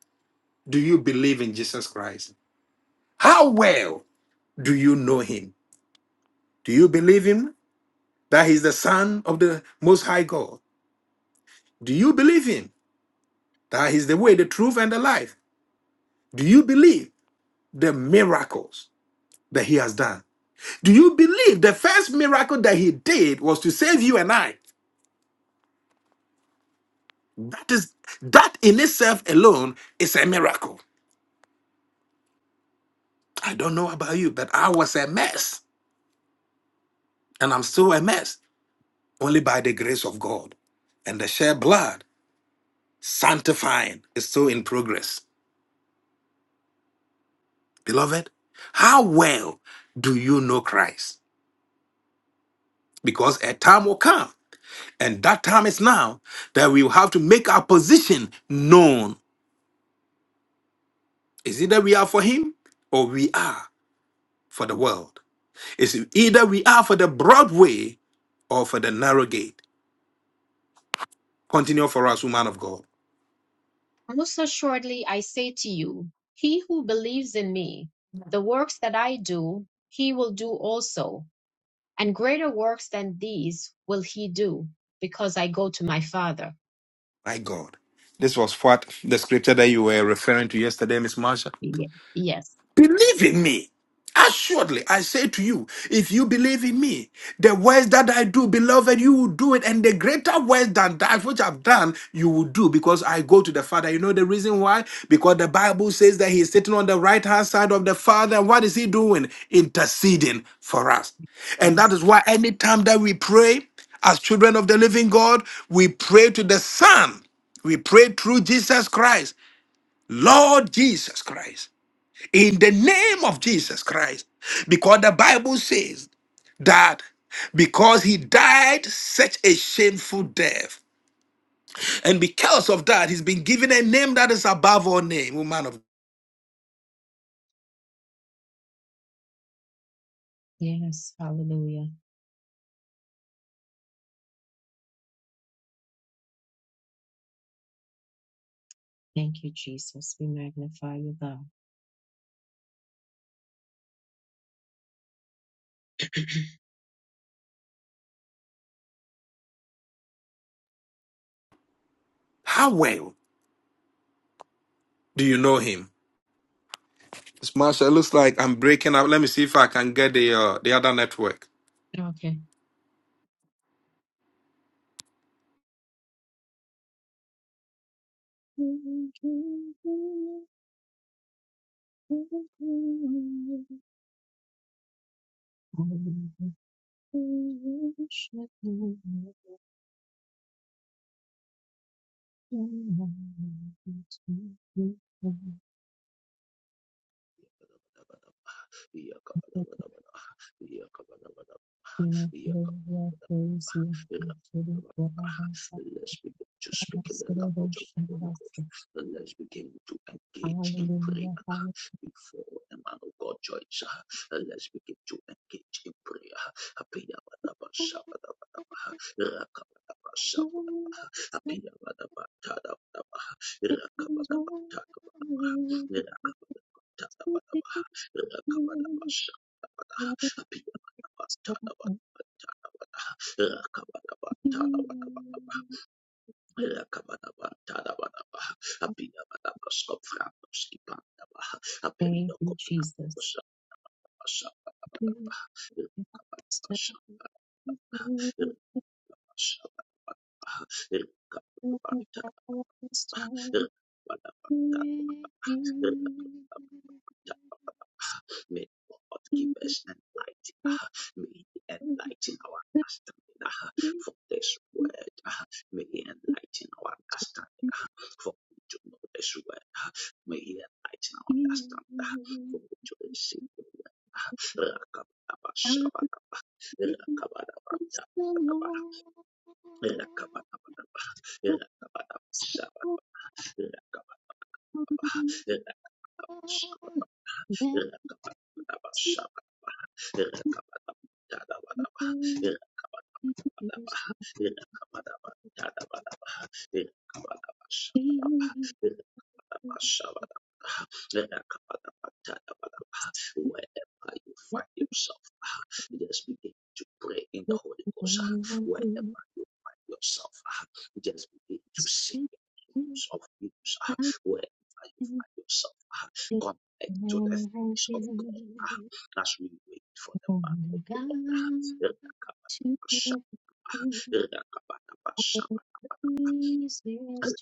S1: do you believe in Jesus Christ? How well do you know him? Do you believe him that he's the Son of the Most High God? Do you believe him that he's the way, the truth, and the life? Do you believe the miracles that he has done? Do you believe the first miracle that he did was to save you and I? That is that in itself alone is a miracle. I don't know about you, but I was a mess and I'm still a mess only by the grace of God. And the shed blood sanctifying is still in progress. Beloved, how well do you know Christ? Because a time will come, and that time is now, that we will have to make our position known. Is it that we are for Him or we are for the world? It's either we are for the broad way or for the narrow gate. Continue for us, woman of God.
S2: Most assuredly, I say to you, he who believes in me, the works that I do, he will do also, and greater works than these will he do, because I go to my Father.
S1: My God. This was what the scripture that you were referring to yesterday, Miss Marsha.
S2: Yes,
S1: Believe in me. Assuredly, I say to you, if you believe in me, the works that I do, beloved, you will do it, and the greater works than that which I've done, you will do, because I go to the Father. You know the reason why? Because the Bible says that He is sitting on the right hand side of the Father, and what is He doing? Interceding for us. And that
S2: yes,
S1: is why anytime that we pray, as children of the living God, we pray to the Son. We pray through Jesus Christ, Lord Jesus Christ in the name of Jesus Christ. Because the Bible says that because he died such a shameful death, and because of that, he's been given a name that is above all name, O man of
S2: yes. Hallelujah. Thank you, Jesus. We magnify you, God.
S1: how well do you know him? Miss Smash, it looks like I'm breaking up. Let me see if I can get the uh, the other network.
S2: Okay.
S5: Let's begin to speak in the language of the Holy Ghost. Let's begin to engage in prayer before the man of God joins. And Let's begin to engage in prayer. Tapia Badaba Tada Badabaha Rakabadaba Takabadabaha Rakabadaba Tada Badabaha Rakabadaba Shakabadaha Apia Badaba Tada Badaba Tada Badaha Rakabadaba Tada Badaba Rakabadaba Tada Badabaha Apia Badaba Skopfranoski Pandabaha
S2: Thank
S5: Apendo
S2: you,
S5: Kopranko
S2: Jesus.
S5: Sapa Sapa Badabaha Rakabadaba Shakabadabaha Rakabadaba Tada Badaba
S2: to
S5: Tada
S2: explain.
S5: May God give us enlighten. ah, May He enlighten our understanding ah, for this word. ah, May He enlighten our understanding ah, for we to know this word. May He enlighten our understanding ah, for we to receive the word. Rakabadaba, shabadaba, rakabadaba, dabadaba, rakabadabadaba, rakabadaba, shabadaba, rakabadaba, rakabadaba, Rakabadaba, Wherever you find yourself, just begin to pray in the Holy Ghost. Wherever you find yourself, just begin to sing the songs of hymns. Wherever you find yourself, connect to the things of God as we wait for the man of God. Rakabada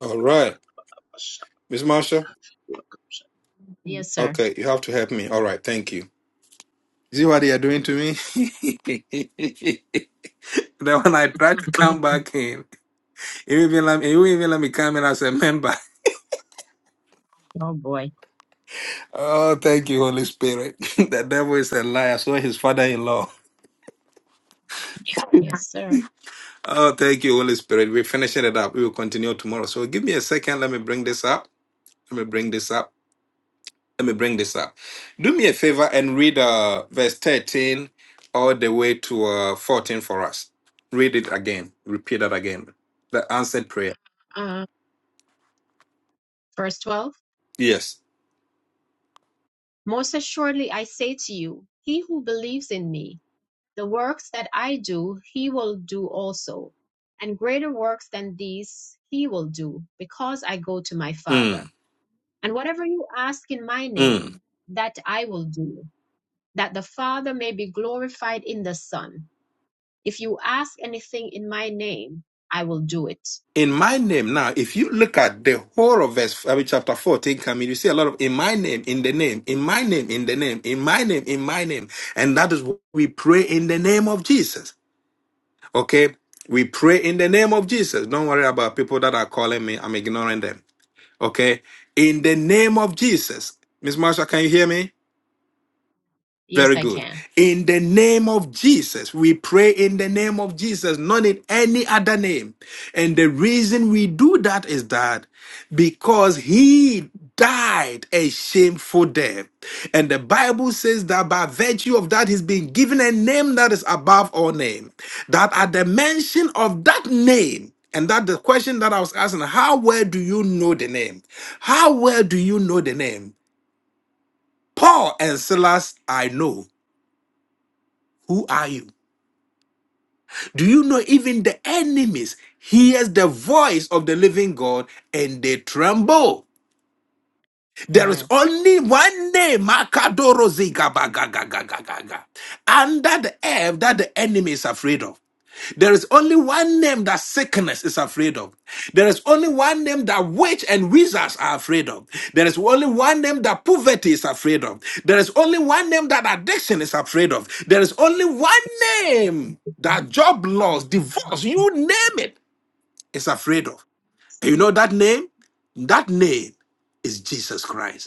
S1: All right. Miss Marsha?
S2: Yes, sir.
S1: Okay, you have to help me. All right, thank you. See what they are doing to me? then when I try to come back in. You even let me, you even let me come in as a member.
S2: Oh boy.
S1: Oh, thank you, Holy Spirit. the devil is a liar. So is his father-in-law.
S2: Yes, sir.
S1: Oh, thank you, Holy Spirit. We're finishing it up. We will continue tomorrow. So give me a second. Let me bring this up. Let me bring this up. Let me bring this up. Do me a favor and read uh, verse 13 all the way to uh, 14 for us. Read it again. Repeat that again. The answered prayer.
S2: Uh, verse 12
S1: Yes.
S2: Most assuredly I say to you, he who believes in me, the works that I do, he will do also. And greater works than these he will do, because I go to my
S1: Mm,
S2: Father. And whatever you ask in my
S1: mm.
S2: name, that I will do, that the Father may be glorified in the Son. If you ask anything in my name, I will do it.
S1: in my name now if you look at the whole of verse I mean, chapter 14 coming you see a lot of in my name in the name in my name in the name in my name in my name and that is what we pray in the name of jesus okay we pray in the name of jesus don't worry about people that are calling me i'm ignoring them okay in the name of jesus miss marsha can you hear me
S2: Yes,
S1: very
S2: I
S1: good.
S2: can.
S1: In the name of Jesus, we pray in the name of Jesus, not in any other name. And the reason we do that is that because he died a shameful death. And the Bible says that by virtue of that, he's been given a name that is above all name. That at the mention of that name, and that the question that I was asking, how well do you know the name? How well do you know the name? Paul and Silas, I know. Who are you? Do you know even the enemies hears the voice of the living God and they tremble? There is
S2: Yes.
S1: only one name, Makadoro Zigabagagagagaga, under the earth that the enemy is afraid of. There is only one name that sickness is afraid of. There is only one name that witch and wizards are afraid of. There is only one name that poverty is afraid of. There is only one name that addiction is afraid of. There is only one name that job loss, divorce, you name it, is afraid of. And you
S2: Thank
S1: know that name? That name is Jesus Christ.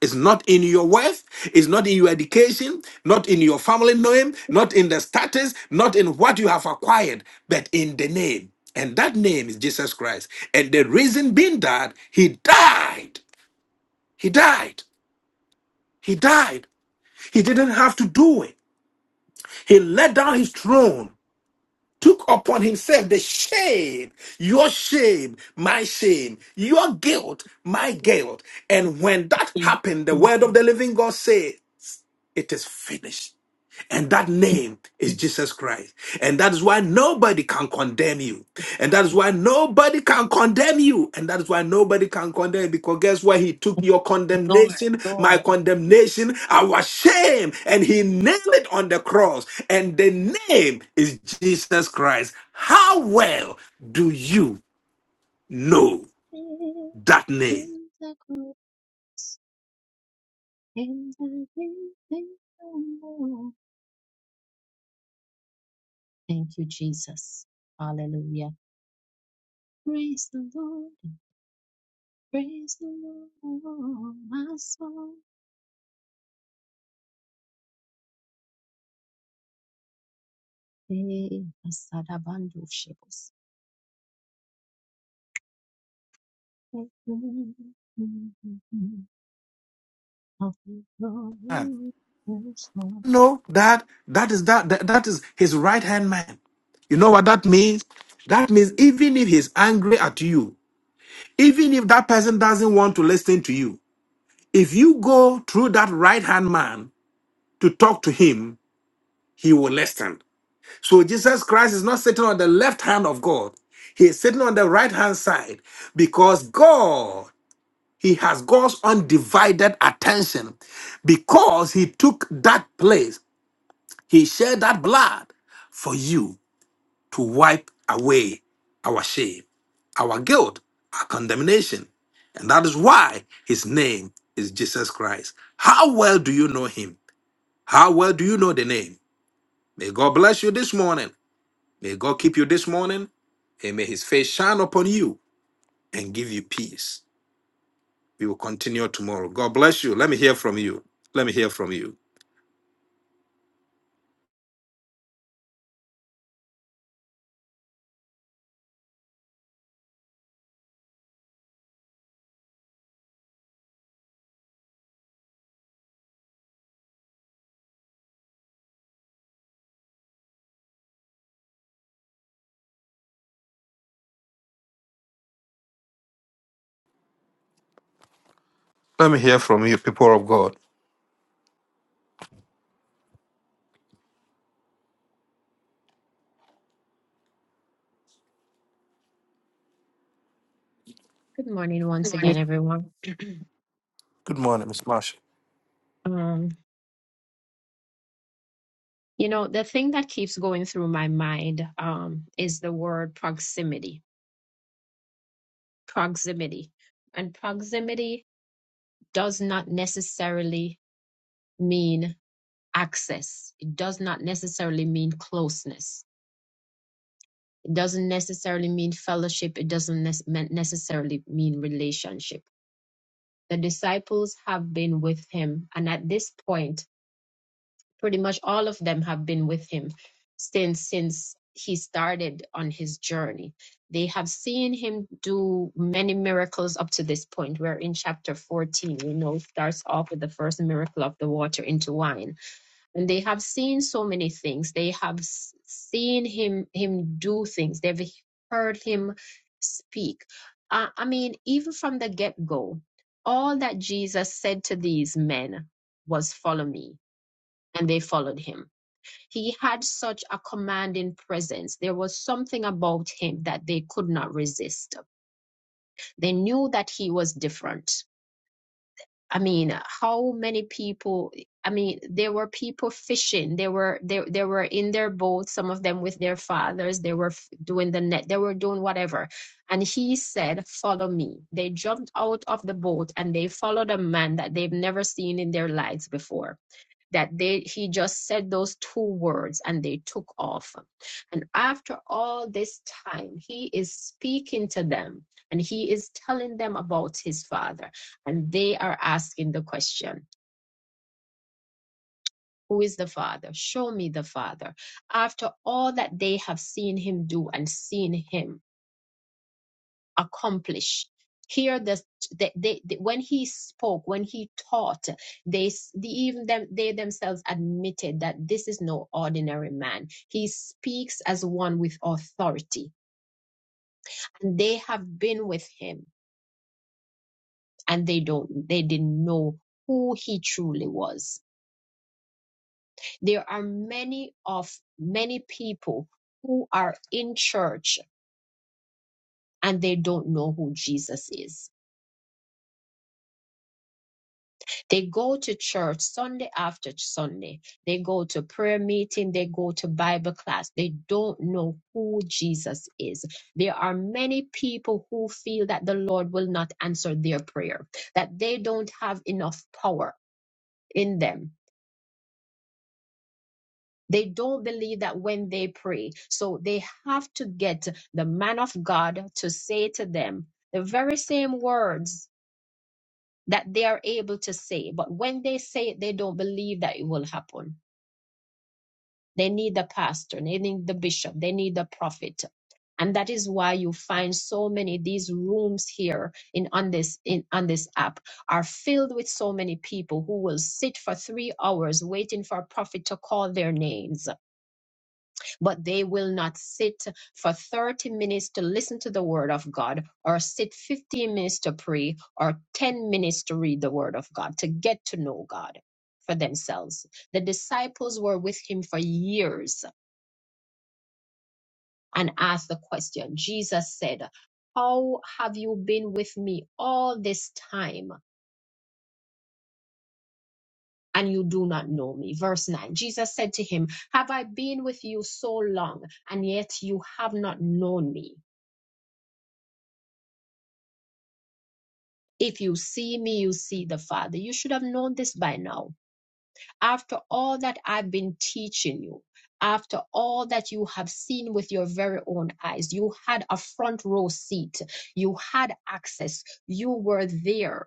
S1: It's not in your wealth, it's not in your education, not in your family name, not in the status, not in what you have acquired, but in the name. And that name is Jesus Christ. And the reason being that he died, he died, he died. He didn't have to do it. He let down his throne, took upon himself the shame, your shame, my shame, your guilt, my guilt. And when that happened, the
S2: you,
S1: word of the living God said, It is finished And that name is Jesus Christ. And that is why nobody can condemn you. And that is why nobody can condemn you. And that is why nobody can condemn you. Because guess what? He took your Lord. condemnation,
S2: Lord.
S1: my condemnation, our shame, and he nailed it on the cross. And the name is Jesus Christ. How well do you know
S2: Thank
S1: that name?
S2: you, Jesus. Hallelujah. Praise the Lord. Praise the Lord. My soul. Eh, asadabandu shebos. Of the Lord, yes, Lord.
S1: know that that is that that, that is his right hand man you know what that means that means even if he's angry at you even if that person doesn't want to listen to you if you go through that right hand man to talk to him he will listen so jesus christ is not sitting on the left hand of god he is sitting on the right hand side because god he has God's undivided attention because he took that place He shed that blood for you to wipe away our shame, our guilt, our condemnation. And that is why his name is Jesus Christ. How well do you know him? How well do you know the name? May God bless you this morning. May God keep you this morning. And may his face shine upon you and give you peace. We will continue tomorrow. God bless you. Let me hear from you. Let me hear from you. Let me hear from you, people of God.
S2: Good morning once again, everyone. Um, you know, the thing that keeps going through my mind um, is the word proximity proximity. And proximity does not necessarily mean access, it does not necessarily mean closeness, it doesn't necessarily mean fellowship, it doesn't nec- necessarily mean relationship. The disciples have been with him, and at this point, pretty much all of them have been with him since since he started on his journey they have seen him do many miracles up to this point we're in chapter 14 you know it starts off with the first miracle of the water into wine and they have seen so many things they have s- seen him him do things they've heard him speak uh, i mean even from the get-go all that jesus said to these men was follow me and they followed him he had such a commanding presence. There was something about him that they could not resist. They knew that he was different. I mean, how many people? I mean, there were people fishing. They were they they were in their boats. Some of them with their fathers. They were doing the net. They were doing whatever. And he said, "Follow me." They jumped out of the boat and they followed a man that they've never seen in their lives before that they he just said those two words and they took off and after all this time he is speaking to them and he is telling them about his father and they are asking the question who is the father show me the father after all that they have seen him do and seen him accomplish. Here, the, the, they they- when he spoke, when he taught, they the, even them they themselves admitted that this is no ordinary man. He speaks as one with authority, and they have been with him, and they don't they didn't know who he truly was. There are many of many people who are in church and they don't know who Jesus is They go to church Sunday after Sunday. They go to prayer meeting. They go to Bible class. They don't know who Jesus is. There are many people who feel that the Lord will not answer their prayer, that they don't have enough power in them. They don't believe that when they pray. So they have to get the man of God to say to them the very same words that they are able to say. But when they say it, they don't believe that it will happen. They need the pastor, they need the bishop, they need the prophet. And that is why you find so many these rooms here in on this in on this app are filled with so many people who will sit for three hours waiting for a prophet to call their names, but they will not sit for 30 minutes to listen to the word of God, or sit 15 minutes to pray, or 10 minutes to read the word of God, to get to know God for themselves. The disciples were with him for years and asked the question. Jesus said, How have you been with me all this time? And you do not know me. Verse 9 Jesus said to him, Have I been with you so long, and yet you have not known me? If you see me, you see the Father. You should have known this by now. After all that I've been teaching you, after all that you have seen with your very own eyes, you had a front row seat, you had access, you were there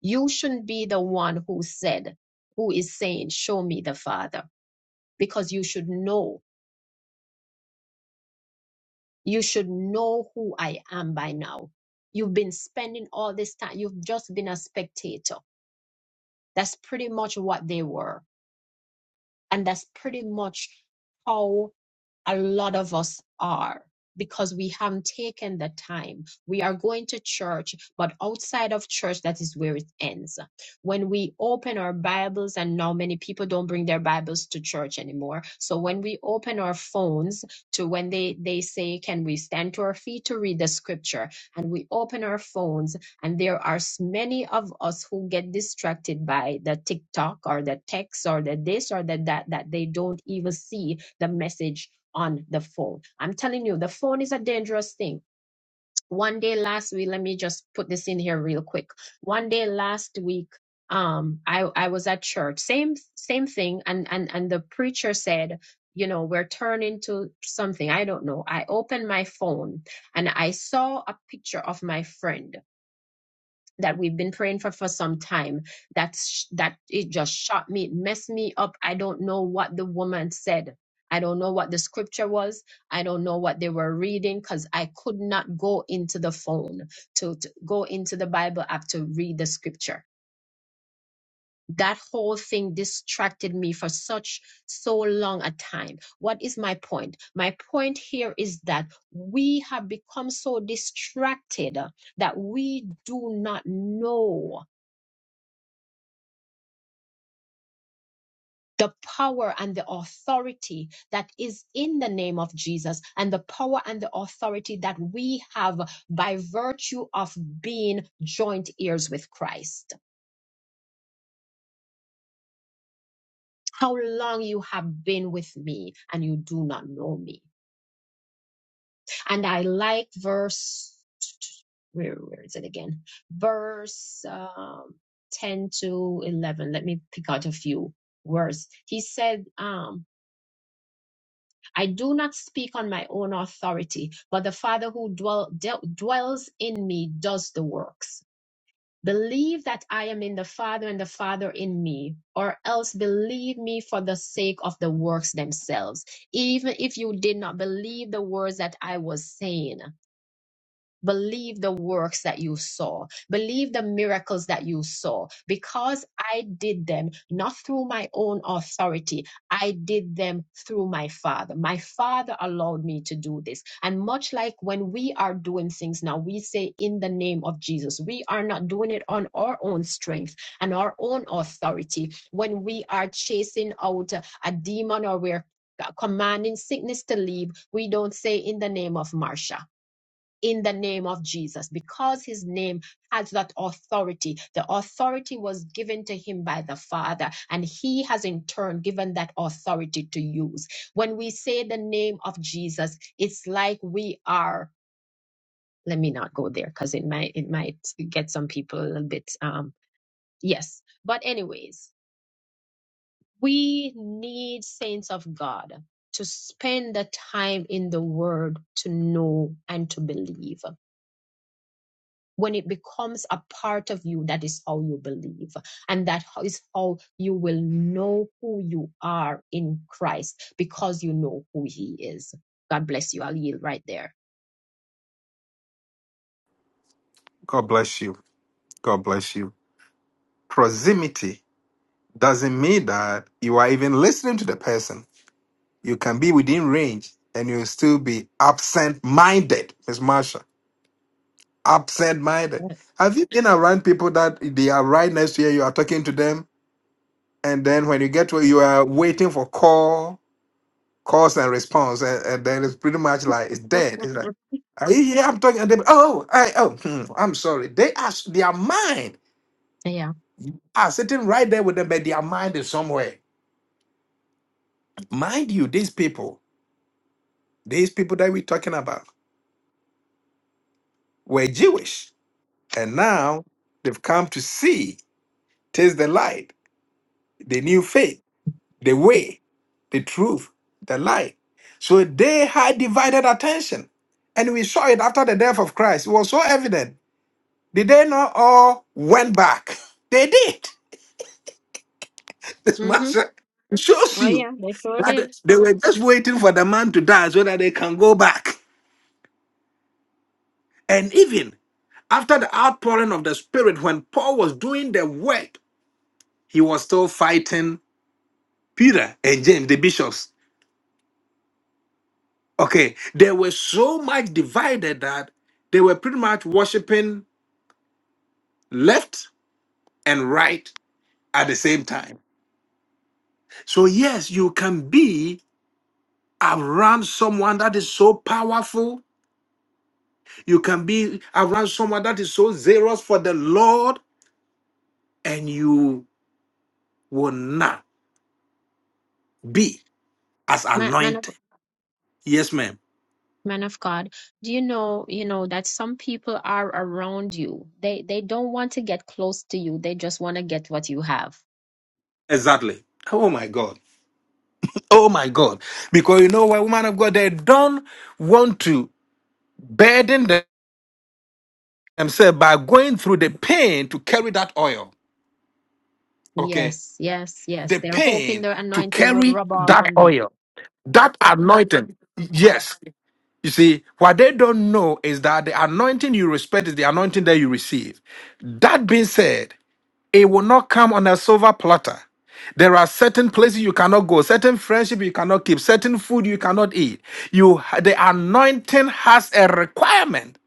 S2: You shouldn't be the one who said, who is saying, Show me the Father, because you should know. You should know who I am by now. You've been spending all this time, you've just been a spectator. That's pretty much what they were. And that's pretty much how a lot of us are because we haven't taken the time. We are going to church, but outside of church, that is where it ends. When we open our Bibles, and now many people don't bring their Bibles to church anymore. So when we open our phones to when they, they say, can we stand to our feet to read the scripture? And we open our phones and there are s- many of us who get distracted by the TikTok or the text or the this or the that, that they don't even see the message on the phone. I'm telling you, the phone is a dangerous thing. One day last week, let me just put this in here real quick. One day last week, um, I I was at church, same same thing, and and and the preacher said, you know, we're turning to something I don't know. I opened my phone and I saw a picture of my friend that we've been praying for for some time that's that it just shot me it messed me up i don't know what the woman said i don't know what the scripture was i don't know what they were reading because i could not go into the phone to, to go into the bible app to read the scripture that whole thing distracted me for such so long a time what is my point my point here is that we have become so distracted that we do not know the power and the authority that is in the name of Jesus, and the power and the authority that we have by virtue of being joint heirs with Christ. How long you have been with me and you do not know me. And I like verse, where, where is it again? Verse um, 10 to 11. Let me pick out a few words. He said, um, I do not speak on my own authority, but the Father who dwell, de- dwells in me does the works. Believe that I am in the Father and the Father in me, or else believe me for the sake of the works themselves, even if you did not believe the words that I was saying. Believe the works that you saw. Believe the miracles that you saw. Because I did them not through my own authority, I did them through my Father. My Father allowed me to do this. And much like when we are doing things now, we say in the name of Jesus, we are not doing it on our own strength and our own authority. When we are chasing out a a demon or we're commanding sickness to leave, we don't say in the name of Marsha in the name of Jesus because his name has that authority. The authority was given to him by the Father, and he has in turn given that authority to use. When we say the name of Jesus, it's like we are. Let me not go there because it might it might get some people a little bit um yes. But anyways, we need saints of God to spend the time in the word to know and to believe when it becomes a part of you, that is how you believe. And that is how you will know who you are in Christ because you know who He is. God bless you. I'll yield right there.
S1: God bless you. God bless you. Proximity doesn't mean that you are even listening to the person. You can be within range and you'll still be absent minded, Miss Marsha. Absent minded.
S2: Mm.
S1: Have you been around people that they are right next to you, you are talking to them, and then when you get to you are waiting for call, calls and response, and, and then it's pretty much like it's dead. It's like, are you here? I'm talking. And they, oh, I, oh, hmm, I'm sorry. They are their mind
S2: Yeah.
S1: are sitting right there with them, but their mind is somewhere. Mind you, these people These people that we're talking about were Jewish, and now they've come to see, taste the light, the new faith, the way, the truth, the light. So they had divided attention, and we saw it after the death of Christ. It was so evident. Did they not all went back? They did. This
S2: hmm
S1: master shows
S2: Oh,
S1: you
S2: yeah, they sure
S1: that
S2: did.
S1: they were just waiting for the man to die so that they can go back. And even after the outpouring of the Spirit, when Paul was doing the work, he was still fighting Peter and James, the bishops. Okay, they were so much divided that they were pretty much worshiping left and right at the same time. So, yes, you can be around someone that is so powerful, you can be around someone that is so zealous for the Lord, and you will not be as
S2: Man, man, of,
S1: anointed. Yes, ma'am.
S2: man of God, do you know, you know, that some people are around you. They, they don't want to get close to you. They just want to get what you have.
S1: Exactly. Oh my God. Oh my God. Because you know why, woman of God, they don't want to burden them- themselves by going through the pain to carry that oil. Okay.
S2: Yes, yes, yes.
S1: The
S2: They're hoping
S1: pain
S2: their
S1: to
S2: anointing will
S1: carry
S2: rub off
S1: that
S2: on them.
S1: oil, that anointing. Yes. You see, what they don't know is that the anointing you respect is the anointing that you receive. That being said, It will not come on a silver platter. There are certain places you cannot go, certain friendship you cannot keep, certain food you cannot eat. You the anointing has a requirement.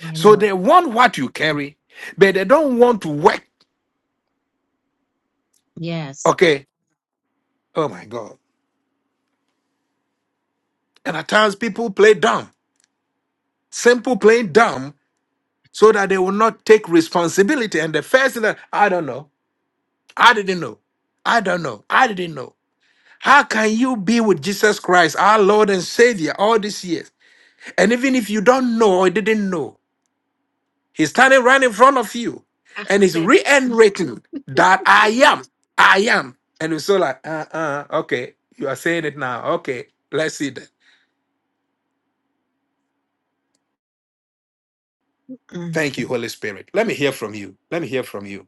S2: My
S1: So
S2: Lord.
S1: they want what you carry, but they don't want to work.
S2: Yes.
S1: Okay. Oh my God. And at times people play dumb, simple playing dumb, so that they will not take responsibility. And the first thing that I don't know, I didn't know, I don't know, I didn't know. How can you be with Jesus Christ, our Lord and Savior, all these years? And even if you don't know or didn't know, he's standing right in front of you and he's
S2: accept.
S1: reiterating that I am, I am. And you're so like, uh uh, okay, you are saying it now. Okay, let's see that.
S2: Mm.
S1: Thank you, Holy Spirit. Let me hear from you. Let me hear from you.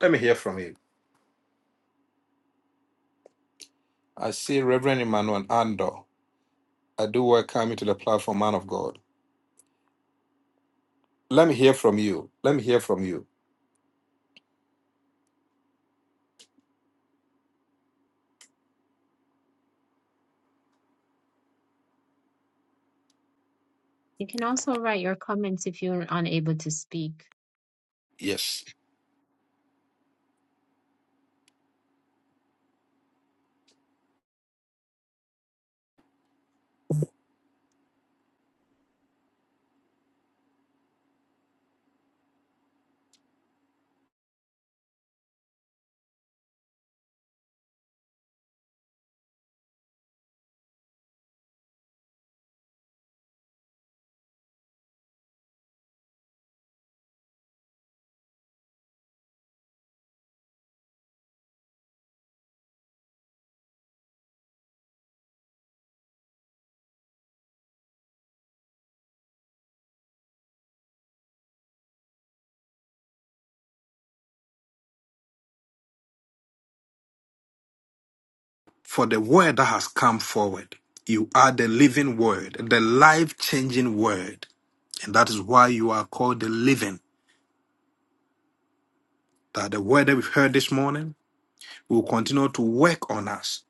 S1: Let me hear from you. I see Reverend Emmanuel Ando. I do welcome you to the platform, man of God. Let me hear from you. Let me hear from you.
S2: You can also write your comments if you're unable to speak.
S1: Yes. For the word that has come forward, you are the living word, the life changing word And that is why you are called the living. That the word that we've heard this morning will continue to work on us.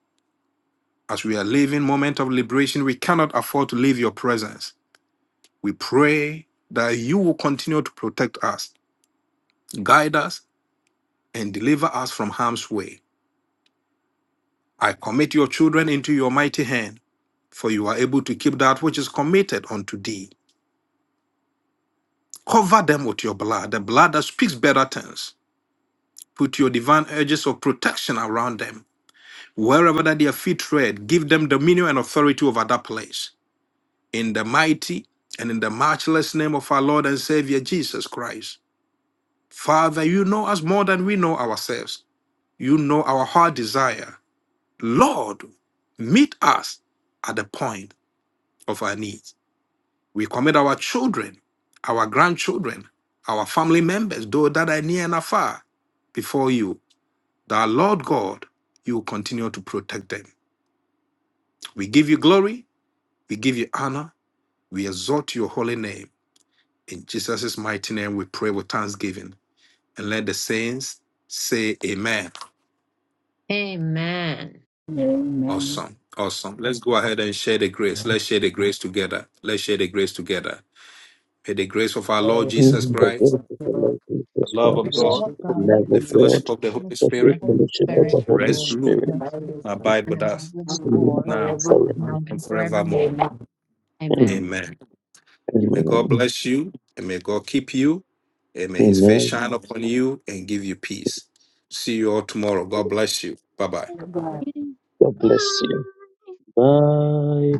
S1: As we are living moment of liberation, we cannot afford to leave your presence. We pray that you will continue to protect us, guide us, and deliver us from harm's way. I commit your children into your mighty hand, for you are able to keep that which is committed unto thee. Cover them with your blood, the blood that speaks better things. Put your divine edges of protection around them wherever that their feet tread, give them dominion and authority over that place. In the mighty and in the matchless name of our Lord and Savior Jesus Christ. Father, you know us more than we know ourselves. You know our heart desire. Lord, meet us at the point of our needs. We commit our children, our grandchildren, our family members, those that are near and afar, before you. That Lord God, you will continue to protect them. We give you glory We give you honor. We exalt your holy name. In Jesus' mighty name, we pray with thanksgiving. And let the saints say amen.
S2: Amen.
S6: man's
S1: Awesome. Awesome. Let's go ahead and share the grace.
S4: Amen.
S1: Let's share the grace together. Let's share the grace together. May the grace of our Lord
S6: First,
S1: Jesus
S4: In the word
S1: Christ,
S4: of the
S6: Lord,
S4: Lord
S1: the
S4: Jesus
S1: love of
S6: bless
S2: Lord
S4: Christ,
S1: God,
S2: of
S6: the
S4: the
S2: God,
S4: love
S1: the
S4: of
S6: company
S1: fellowship
S4: God,
S1: of the
S2: how
S1: Holy
S2: much
S4: the
S2: of
S4: free
S2: the
S1: Spirit
S6: and
S2: Holy
S4: fellowship of
S6: bless
S2: Spirit,
S4: the Holy
S1: rest,
S6: you
S1: rule,
S4: Spirit,
S6: and
S2: mercy,
S6: bless
S1: and
S6: the
S1: abide
S2: and
S1: with
S2: abide
S1: us
S2: with us
S4: so
S6: common
S4: now
S2: all,
S4: and
S1: now
S4: forever.
S6: forever.
S2: now
S1: and
S2: and
S1: forevermore.
S2: forevermore.
S4: Amen.
S2: Amen.
S1: Amen. May God
S4: Amen.
S1: bless you and may God keep you and may his face
S4: Amen.
S1: shine upon you and give you peace. See you all tomorrow. God bless you. Bye bye.
S4: God bless you.
S2: Bye.
S4: Bye.